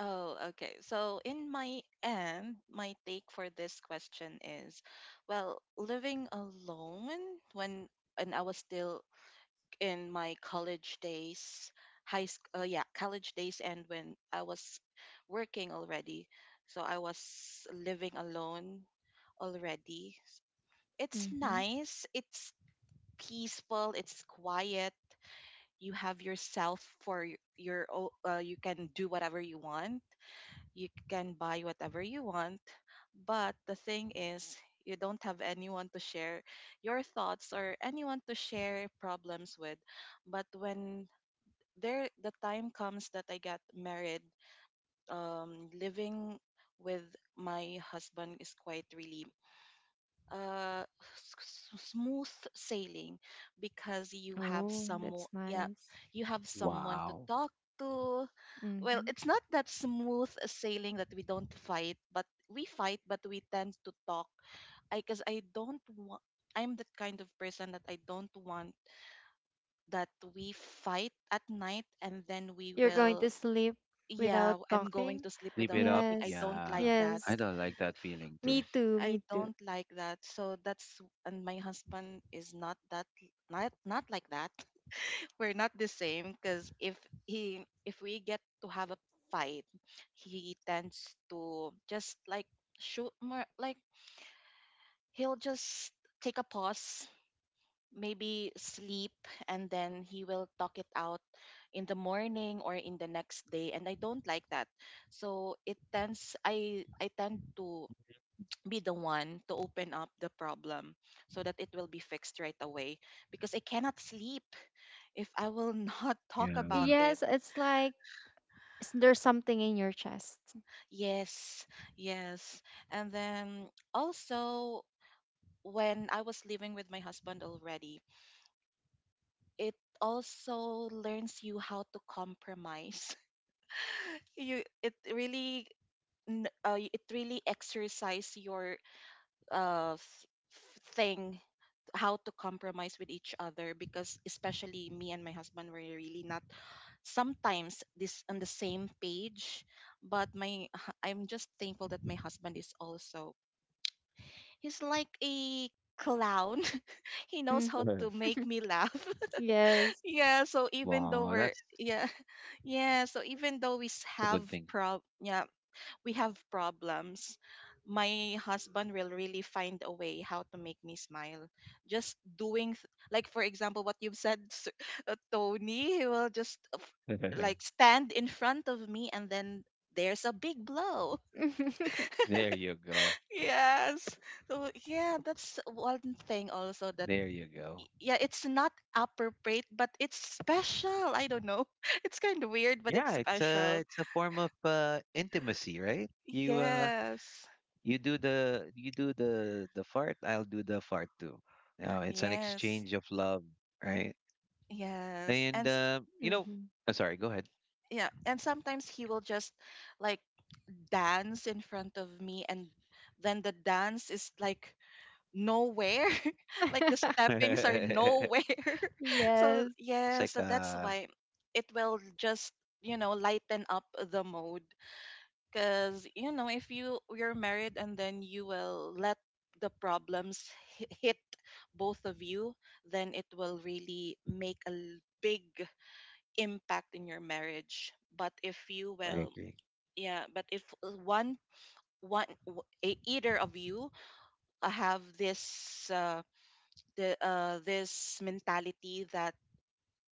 [SPEAKER 2] Oh, okay. So, in my end, my take for this question is, well, living alone when, and I was still in my college days, high school, yeah, college days, and when I was working already. So, I was living alone already. It's
[SPEAKER 1] Mm-hmm.
[SPEAKER 2] nice, it's peaceful, it's quiet. You have yourself for your, you can do whatever you want, you can buy whatever you want. But the thing is, you don't have anyone to share your thoughts or anyone to share problems with. But when the time comes that I got married, living with my husband is quite really, uh smooth sailing because you have
[SPEAKER 1] Oh,
[SPEAKER 2] some,
[SPEAKER 1] that's
[SPEAKER 2] yeah,
[SPEAKER 1] nice.
[SPEAKER 2] you have someone to
[SPEAKER 3] Wow.
[SPEAKER 2] talk to. Well,
[SPEAKER 1] Mm-hmm.
[SPEAKER 2] it's not that smooth sailing that we don't fight, but we tend to talk. I because I don't want. I'm the kind of person that I don't want that we fight at night and then we
[SPEAKER 1] You're going
[SPEAKER 2] will.
[SPEAKER 1] to sleep without
[SPEAKER 2] Yeah, I'm going
[SPEAKER 1] talking?
[SPEAKER 2] to sleep
[SPEAKER 3] Flip it
[SPEAKER 2] without
[SPEAKER 3] up,
[SPEAKER 2] talking. I
[SPEAKER 1] Yes.
[SPEAKER 2] don't
[SPEAKER 3] yeah.
[SPEAKER 2] like that.
[SPEAKER 3] I
[SPEAKER 1] Yes.
[SPEAKER 3] don't like that feeling too.
[SPEAKER 1] Me too.
[SPEAKER 2] I
[SPEAKER 1] Me too.
[SPEAKER 2] don't like that. So that's, and my husband is not that, not not like that. We're not the same because if he if we get to have a fight, he tends to just, like, shoot more, like he'll just take a pause, maybe sleep, and then he will talk it out in the morning or in the next day, and I don't like that. So it tends, I tend to *tsk* be the one to open up the problem so that it will be fixed right away, because I cannot sleep if I will not *laughs* talk
[SPEAKER 3] Yeah.
[SPEAKER 2] about it.
[SPEAKER 1] Yes, it's like there's something in your chest.
[SPEAKER 2] Yes, yes. And then also, when I was living with my husband already, it also learns you how to compromise. *laughs* You, it really, it really exercise your uh f- thing how to compromise with each other, because especially me and my husband were really not sometimes this on the same page. But my *laughs* I'm just thankful that my husband is also, he's like a clown. *laughs* He knows
[SPEAKER 1] Mm-hmm.
[SPEAKER 2] how to
[SPEAKER 1] *laughs*
[SPEAKER 3] *laughs*
[SPEAKER 2] make me laugh.
[SPEAKER 1] Yes.
[SPEAKER 2] *laughs* Yeah, so even though
[SPEAKER 3] Wow,
[SPEAKER 2] we're, yeah, *laughs* yeah, so even though we s-
[SPEAKER 3] that's a
[SPEAKER 2] have
[SPEAKER 3] good thing.
[SPEAKER 2] prob yeah, we have problems, my husband will really find a way how to make me smile. Just doing like for example what you've said, *laughs* Tony, he will just,
[SPEAKER 3] *laughs* There
[SPEAKER 2] like stand in front of me, and then there's a big blow. *laughs*
[SPEAKER 1] *laughs* Mm-hmm.
[SPEAKER 3] you go.
[SPEAKER 2] Yes. So yeah, that's one thing also that,
[SPEAKER 3] There you go.
[SPEAKER 2] yeah, it's not appropriate, but it's special. I don't know. *laughs* It's kind of weird, but it's
[SPEAKER 3] Yeah,
[SPEAKER 2] special.
[SPEAKER 3] it's a form of intimacy, right?
[SPEAKER 2] Yes.
[SPEAKER 3] You do the, you do the fart, I'll do the fart too. Oh, it's an
[SPEAKER 2] Yes.
[SPEAKER 3] exchange of love, right?
[SPEAKER 2] Yes. And
[SPEAKER 3] And you know, oh, sorry, go ahead.
[SPEAKER 2] yeah, and sometimes he will just, like, dance in front of me, and then the dance is, like, nowhere. *laughs* Like the
[SPEAKER 1] *laughs*
[SPEAKER 2] steppings are nowhere.
[SPEAKER 3] *laughs*
[SPEAKER 2] *laughs* So
[SPEAKER 1] Yes.
[SPEAKER 3] It's
[SPEAKER 2] yeah,
[SPEAKER 3] like
[SPEAKER 2] so that's why it will just, you know, lighten up the mood, because you know if you're married and then you will let the problems hit both of you, then it will really make a big impact in your marriage. But if you
[SPEAKER 3] I
[SPEAKER 2] will,
[SPEAKER 3] agree.
[SPEAKER 2] yeah, but if one, one either of you have this, the this mentality that,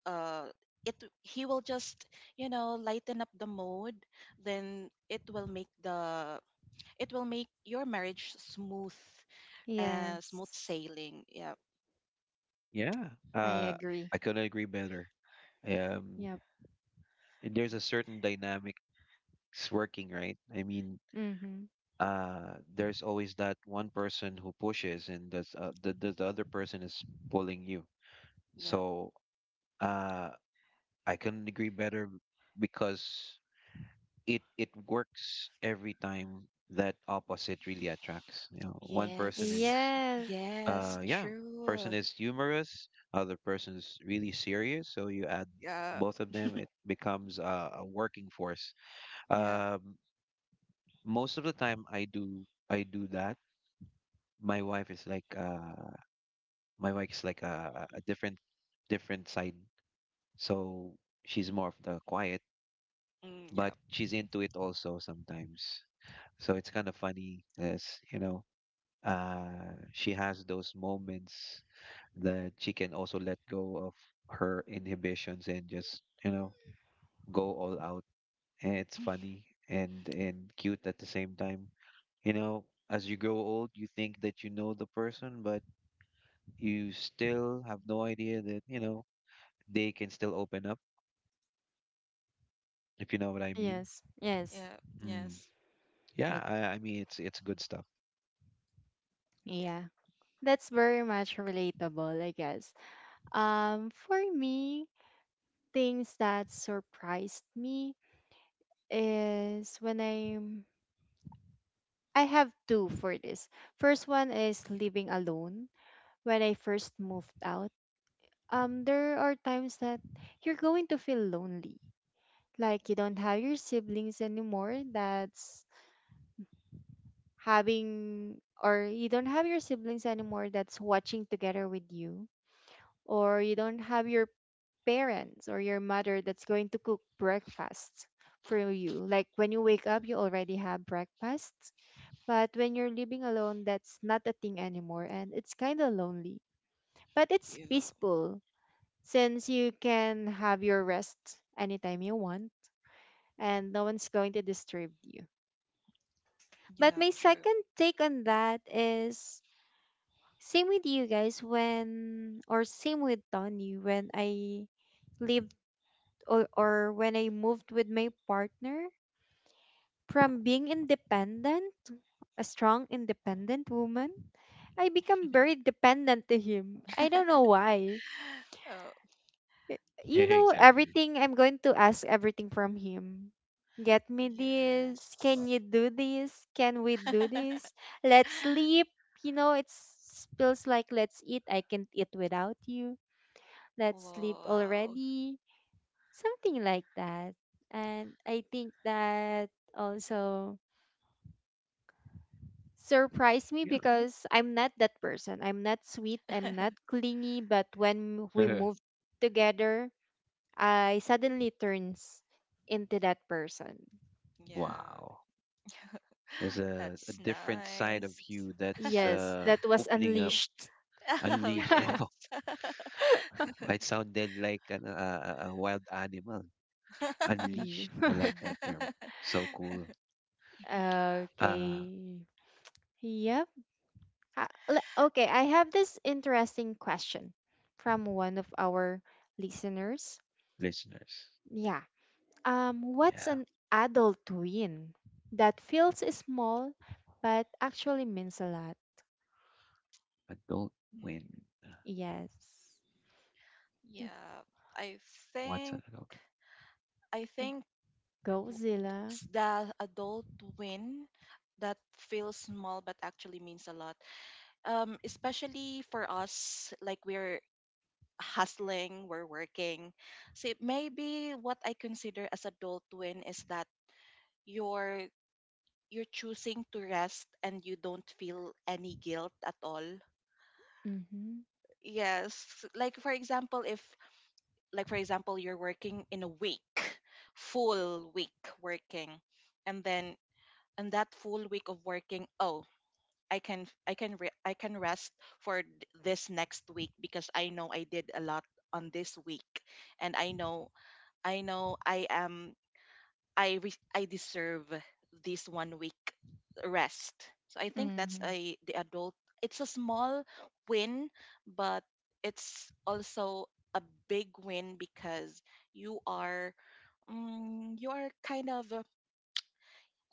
[SPEAKER 2] uh, it he will just, you know, lighten up the mood, then it will make the, it will make your marriage smooth, smooth
[SPEAKER 1] Yes.
[SPEAKER 2] sailing. Yeah,
[SPEAKER 3] Yeah,
[SPEAKER 1] I agree.
[SPEAKER 3] I couldn't agree better. Um,
[SPEAKER 1] Yep.
[SPEAKER 3] and there's a certain dynamics working, right? I mean,
[SPEAKER 1] Mm-hmm.
[SPEAKER 3] there's always that one person who pushes, and that's the other person is pulling you.
[SPEAKER 2] yeah.
[SPEAKER 3] So uh, I couldn't agree better because it works every time, that opposite really attracts. You know, one person
[SPEAKER 2] Yes,
[SPEAKER 3] is
[SPEAKER 1] Yes.
[SPEAKER 2] yes,
[SPEAKER 3] yeah, person
[SPEAKER 2] true.
[SPEAKER 3] is humorous, other person is really serious. So you add
[SPEAKER 2] Yeah,
[SPEAKER 3] both of them, it becomes a working force.
[SPEAKER 2] yeah,
[SPEAKER 3] Um, Most of the time, I do that. My wife is like a different different side. So she's more of the quiet,
[SPEAKER 2] mm, yeah,
[SPEAKER 3] but she's into it also sometimes. So it's kind of funny, as you know, she has those moments that she can also let go of her inhibitions and just, you know, go all out. And it's funny and cute at the same time. You know, as you grow old, you think that you know the person, but you still have no idea that you know they can still open up, if you know what I mean.
[SPEAKER 1] Yes. Yes.
[SPEAKER 2] yeah,
[SPEAKER 3] Mm.
[SPEAKER 2] yes,
[SPEAKER 3] Yeah,
[SPEAKER 1] Like,
[SPEAKER 3] I mean it's good stuff.
[SPEAKER 2] yeah,
[SPEAKER 1] yeah. That's very much relatable, I guess. For me, things that surprised me is when I have two for this. First one is living alone when I first moved out. There are times that you're going to feel lonely. Like you don't have your siblings anymore. That's having or You don't have your siblings anymore that's watching together with you, or you don't have your parents or your mother that's going to cook breakfast for you, like when you wake up you already have breakfast, but when you're living alone that's not a thing anymore, and it's kind of lonely but it's
[SPEAKER 2] yeah,
[SPEAKER 1] peaceful, since you can have your rest anytime you want and no one's going to disturb you. But
[SPEAKER 2] yeah,
[SPEAKER 1] my
[SPEAKER 2] true.
[SPEAKER 1] second take on that is same with you guys, when, or same with Tony, when I lived, or when I moved with my partner, from being independent, a strong independent woman, I become very dependent to him. I don't know why.
[SPEAKER 2] *gasps* *laughs* Oh,
[SPEAKER 1] Y-
[SPEAKER 3] *laughs*
[SPEAKER 1] You know,
[SPEAKER 3] Exactly.
[SPEAKER 1] everything, I'm going to ask everything from him. Get me this. Can you
[SPEAKER 2] yes.
[SPEAKER 1] do this? Can we do
[SPEAKER 2] *laughs*
[SPEAKER 1] this? Let's sleep. You know, it's feels like let's eat. I can't eat without you, let's sleep
[SPEAKER 2] Wow,
[SPEAKER 1] already, something like that. And I think that also surprised me
[SPEAKER 3] Yeah.
[SPEAKER 1] because I'm not that person. I'm not sweet, I'm not clingy, but when we
[SPEAKER 3] *laughs*
[SPEAKER 1] moved together, I suddenly turns into that person.
[SPEAKER 2] yeah,
[SPEAKER 3] Wow. There's
[SPEAKER 2] *laughs*
[SPEAKER 3] a
[SPEAKER 2] that's
[SPEAKER 3] different side of
[SPEAKER 2] nice.
[SPEAKER 3] you that's
[SPEAKER 1] Yes, that was
[SPEAKER 3] opening up,
[SPEAKER 1] unleashed.
[SPEAKER 2] *laughs* Oh,
[SPEAKER 3] unleashed. *laughs*
[SPEAKER 2] yes.
[SPEAKER 1] *laughs*
[SPEAKER 3] Wow. It sounded like a wild animal.
[SPEAKER 1] Yeah.
[SPEAKER 3] Unleashed. I like that term.
[SPEAKER 2] *laughs*
[SPEAKER 3] So cool.
[SPEAKER 1] *laughs*
[SPEAKER 3] Uh,
[SPEAKER 1] Okay. Yep. Okay, I have this interesting question from one of our listeners.
[SPEAKER 3] Listeners.
[SPEAKER 1] Yeah. What's
[SPEAKER 3] Yeah.
[SPEAKER 1] an adult win that feels small but actually means a lot?
[SPEAKER 3] Adult
[SPEAKER 2] Mm.
[SPEAKER 3] win. Uh,
[SPEAKER 1] Yes. Yeah.
[SPEAKER 2] Yeah, I
[SPEAKER 3] What's
[SPEAKER 2] think.
[SPEAKER 3] an adult win?
[SPEAKER 2] I think
[SPEAKER 1] Go, Zilla.
[SPEAKER 2] the adult win that feels small but actually means a lot. Especially for us, like we're hustling, we're working. See, maybe what I consider as adult win is that you're you're choosing to rest and you don't feel any guilt at all.
[SPEAKER 1] Mm-hmm.
[SPEAKER 2] Yes, like for example, if, like for example you're working in a week, full week working, and then and that full week of working, oh, I can rest for this next week because I know I did a lot on this week, and I know, I know I am, I deserve this one week rest. So I think that's
[SPEAKER 1] Mm-hmm.
[SPEAKER 2] a, the adult, it's a small win, but it's also a big win because you are, mm, you are kind of,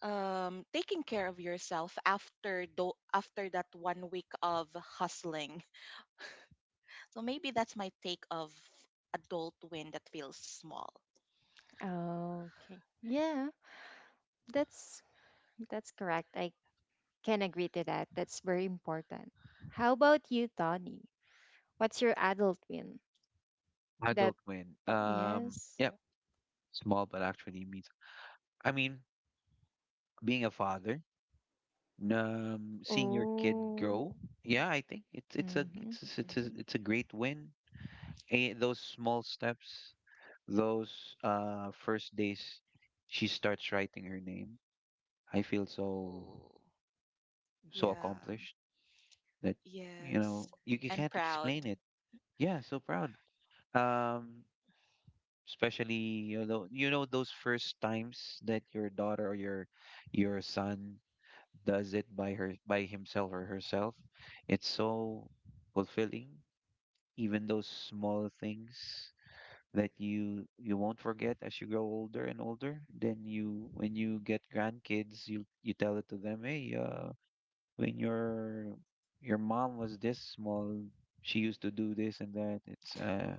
[SPEAKER 2] taking care of yourself after after that one week of hustling. So maybe that's my take of adult win that feels small.
[SPEAKER 1] Okay. Yeah, that's correct. I can agree to that. That's very important. How about you, Tony? What's your adult win? That,
[SPEAKER 3] Adult win.
[SPEAKER 1] yes.
[SPEAKER 3] Yeah. Small, but actually means, I mean, being a father. Um, seeing your kid
[SPEAKER 1] Oh.
[SPEAKER 3] grow. Yeah, I think
[SPEAKER 1] Mm-hmm.
[SPEAKER 3] it's a great win. Those small steps, those first days she starts writing her name, I feel
[SPEAKER 2] Oh,
[SPEAKER 3] so
[SPEAKER 2] yeah,
[SPEAKER 3] accomplished that you
[SPEAKER 2] yes,
[SPEAKER 3] know you
[SPEAKER 2] and
[SPEAKER 3] can't
[SPEAKER 2] proud.
[SPEAKER 3] explain it. Yeah, so proud. um especially, you know, you know those first times that your daughter or your son does it by her by himself or herself, it's so fulfilling. Even those small things that you won't forget as you grow older and older, then you when you get grandkids you, you tell it to them, hey, when your mom was this small, she used to do this and that. It's uh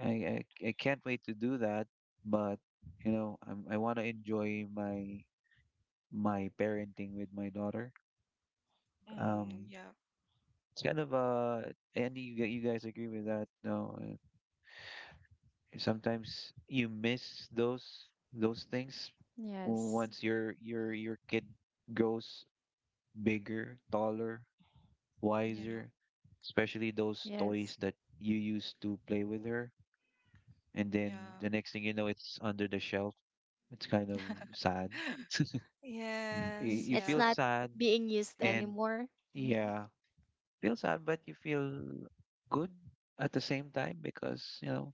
[SPEAKER 3] i i, I can't wait to do that, but you know I want to enjoy my my parenting with my daughter.
[SPEAKER 2] Mm,
[SPEAKER 3] um
[SPEAKER 2] yeah,
[SPEAKER 3] it's kind of and you you guys agree with that, no? Sometimes you miss those things
[SPEAKER 1] Yes.
[SPEAKER 3] once your kid grows bigger, taller,
[SPEAKER 2] yeah,
[SPEAKER 3] wiser, especially those toys
[SPEAKER 1] Yes.
[SPEAKER 3] that you used to play with her, and then
[SPEAKER 2] yeah.
[SPEAKER 3] the next thing you know, it's under the shelf. It's kind of sad.
[SPEAKER 2] *laughs*
[SPEAKER 3] Mm,
[SPEAKER 2] Yes,
[SPEAKER 3] you
[SPEAKER 1] It's
[SPEAKER 3] feel
[SPEAKER 2] yeah,
[SPEAKER 1] not
[SPEAKER 3] sad.
[SPEAKER 1] being used
[SPEAKER 3] Mm. And
[SPEAKER 1] anymore.
[SPEAKER 3] yeah, feel sad, but you feel good at the same time because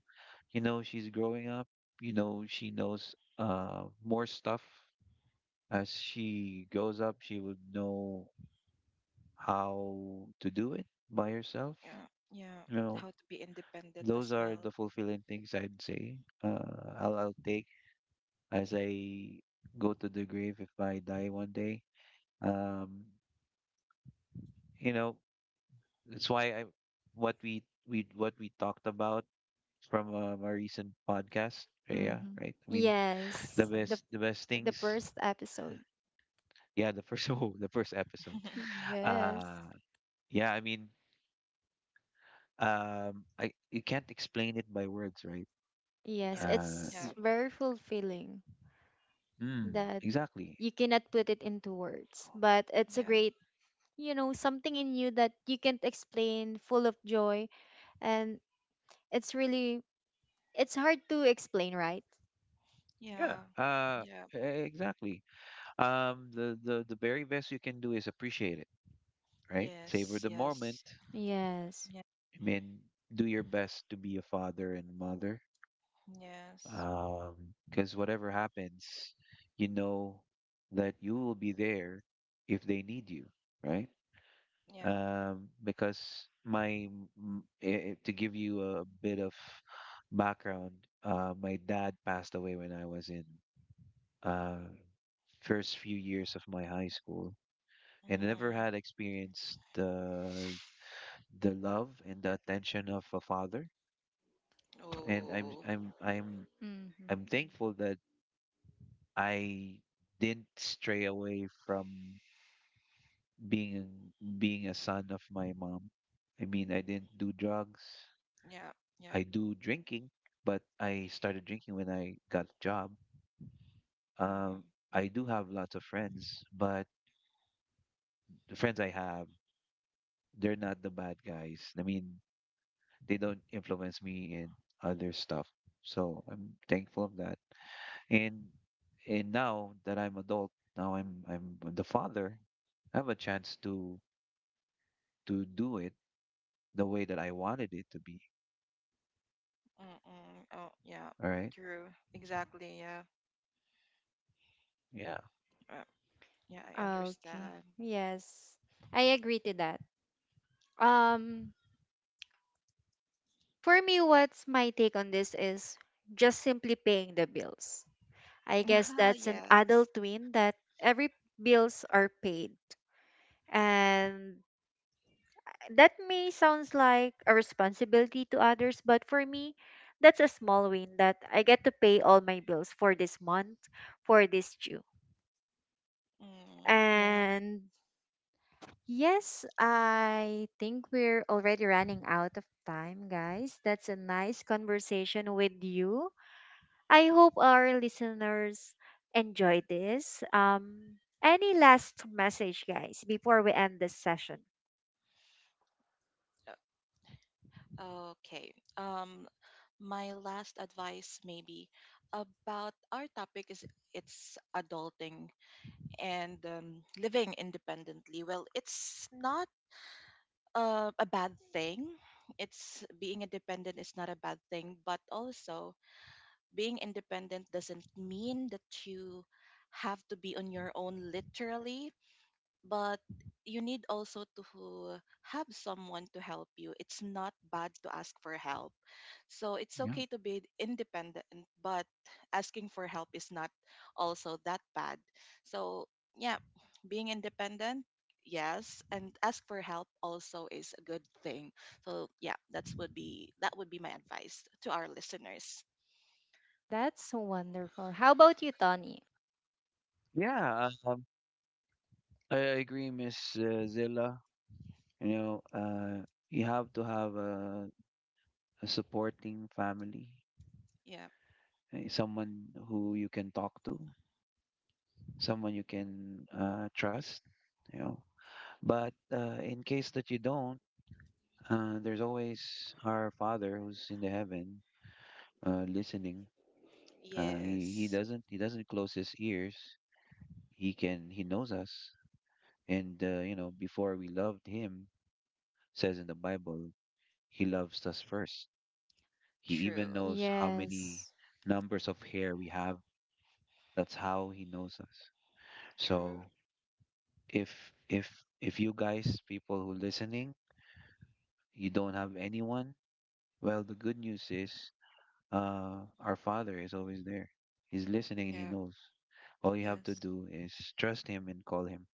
[SPEAKER 3] you know she's growing up. You know she knows more stuff as she grows up. She would know how to do it by herself.
[SPEAKER 2] yeah, yeah.
[SPEAKER 3] You know,
[SPEAKER 2] How to be independent
[SPEAKER 3] those
[SPEAKER 2] as
[SPEAKER 3] are
[SPEAKER 2] well.
[SPEAKER 3] the fulfilling things I'd say. I'll take as I go to the grave if I die one day. Um, you know, that's why I what we what we talked about from a recent podcast, Rhea,
[SPEAKER 1] Mm-hmm.
[SPEAKER 3] right? I mean,
[SPEAKER 1] Yes. The
[SPEAKER 3] the best things.
[SPEAKER 1] first episode.
[SPEAKER 3] Yeah, the first *laughs* oh, the first episode.
[SPEAKER 2] *laughs*
[SPEAKER 1] Yes.
[SPEAKER 3] Uh yeah, I mean, I you can't explain it by words, right?
[SPEAKER 1] Yes,
[SPEAKER 2] Yeah,
[SPEAKER 3] Uh
[SPEAKER 1] it's
[SPEAKER 2] yeah,
[SPEAKER 3] y-
[SPEAKER 1] very fulfilling
[SPEAKER 3] mm,
[SPEAKER 1] that
[SPEAKER 3] exactly.
[SPEAKER 1] you cannot put it into words, but it's a
[SPEAKER 2] yeah,
[SPEAKER 1] great, you know, something in you that you can't explain, full of joy, and it's really, it's hard to explain, right?
[SPEAKER 3] Yeah.
[SPEAKER 2] yeah, yeah.
[SPEAKER 3] Exactly. The very best you can do is appreciate it, right? Savor
[SPEAKER 2] Yes,
[SPEAKER 3] the moment.
[SPEAKER 2] yes,
[SPEAKER 1] Yes.
[SPEAKER 2] yeah,
[SPEAKER 3] I mean, do your best to be a father and mother
[SPEAKER 2] yes,
[SPEAKER 3] because whatever happens, you know that you will be there if they need you, right?
[SPEAKER 2] yeah.
[SPEAKER 3] Because my to give you a bit of background, my dad passed away when I was in uh, first few years of my high school, and I never
[SPEAKER 2] Mm,
[SPEAKER 3] had experienced the love and the attention of a father. And
[SPEAKER 2] oh,
[SPEAKER 1] Mm-hmm.
[SPEAKER 3] I'm thankful that I didn't stray away from being being a son of my mom. I mean, I didn't do drugs.
[SPEAKER 2] yeah, yeah.
[SPEAKER 3] I do drinking, but I started drinking when I got a job. Um,
[SPEAKER 2] Mm-hmm.
[SPEAKER 3] I do have lots of friends, but the friends I have, they're not the bad guys. I mean, they don't influence me in other stuff. So I'm thankful of that. And now that I'm adult, now I'm the father, I have a chance to do it the way that I wanted it to be.
[SPEAKER 2] Mm-mm. Oh, yeah.
[SPEAKER 3] All right.
[SPEAKER 2] True. Exactly. Yeah.
[SPEAKER 3] Yeah.
[SPEAKER 2] Uh, yeah, I
[SPEAKER 1] Ah, okay.
[SPEAKER 2] understand.
[SPEAKER 1] Yes. I agree to that. Um, for me, what's my take on this is just simply paying the bills. I
[SPEAKER 2] *laughs*
[SPEAKER 1] guess
[SPEAKER 2] Yeah,
[SPEAKER 1] that's an
[SPEAKER 2] yes.
[SPEAKER 1] adult twin that every bills are paid. And that may sounds like a responsibility to others, but for me that's a small win that I get to pay all my bills for this month, for this due.
[SPEAKER 2] Mm, yeah.
[SPEAKER 1] And yes, I think we're already running out of time, guys. That's a nice conversation with you. I hope our listeners enjoy this. Any last message, guys, before we end this session?
[SPEAKER 2] Okay. My last advice maybe about our topic is, it's adulting and, living independently. Well, it's not, a bad thing. It's being independent is not a bad thing, but also being independent doesn't mean that you have to be on your own literally, but you need also to have someone to help you. It's not bad to ask for help. So it's
[SPEAKER 3] Yeah.
[SPEAKER 2] okay to be independent, but asking for help is not also that bad. So, yeah, being independent, yes, and ask for help also is a good thing. So, yeah, that would be my advice to our listeners.
[SPEAKER 1] That's wonderful. How about you, Tony?
[SPEAKER 3] Yeah. I agree, Miss Zilla. You know, you have to have a supporting family,
[SPEAKER 2] Yeah.
[SPEAKER 3] someone who you can talk to, someone you can trust. You know, but in case that you don't, there's always our Father who's in the heaven, listening.
[SPEAKER 2] Yes.
[SPEAKER 3] He doesn't close his ears. He knows us. And, you know, before we loved him, says in the Bible, he loves us first. He even
[SPEAKER 2] True.
[SPEAKER 3] knows how many
[SPEAKER 1] Yes.
[SPEAKER 3] numbers of hair we have. That's how he knows us.
[SPEAKER 2] True.
[SPEAKER 3] So if if if you guys, people who listening, you don't have anyone, well, the good news is our Father is always there. He's listening and he
[SPEAKER 2] Yep.
[SPEAKER 3] knows. All you have to
[SPEAKER 2] Yes.
[SPEAKER 3] do is trust him and call him.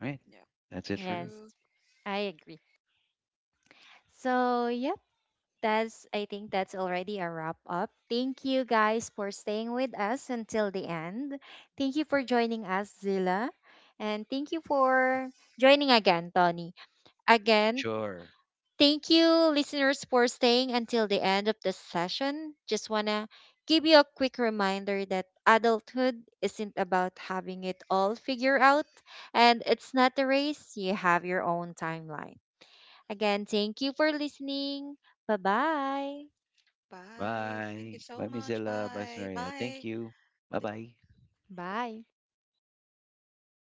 [SPEAKER 3] Right?
[SPEAKER 2] Yep.
[SPEAKER 3] That's it for me.
[SPEAKER 2] True.
[SPEAKER 1] Yes, I agree. So, yeah, that's, I think that's already a wrap up. Thank you guys for staying with us until the end. Thank you for joining us, Zilla. And thank you for joining again, Tony. Again,
[SPEAKER 3] Sure.
[SPEAKER 1] thank you listeners for staying until the end of the session. Just wanna give you a quick reminder that adulthood isn't about having it all figured out, and it's not a race. You have your own timeline. Again, thank you for listening. Bye-bye.
[SPEAKER 2] Bye. Thank you
[SPEAKER 3] Bye.
[SPEAKER 2] so
[SPEAKER 3] Bye, Ms.
[SPEAKER 2] much.
[SPEAKER 3] Zella. Bye,
[SPEAKER 2] Bye.
[SPEAKER 3] Sonoria. Thank
[SPEAKER 2] Bye.
[SPEAKER 3] you. Bye bye.
[SPEAKER 1] Bye.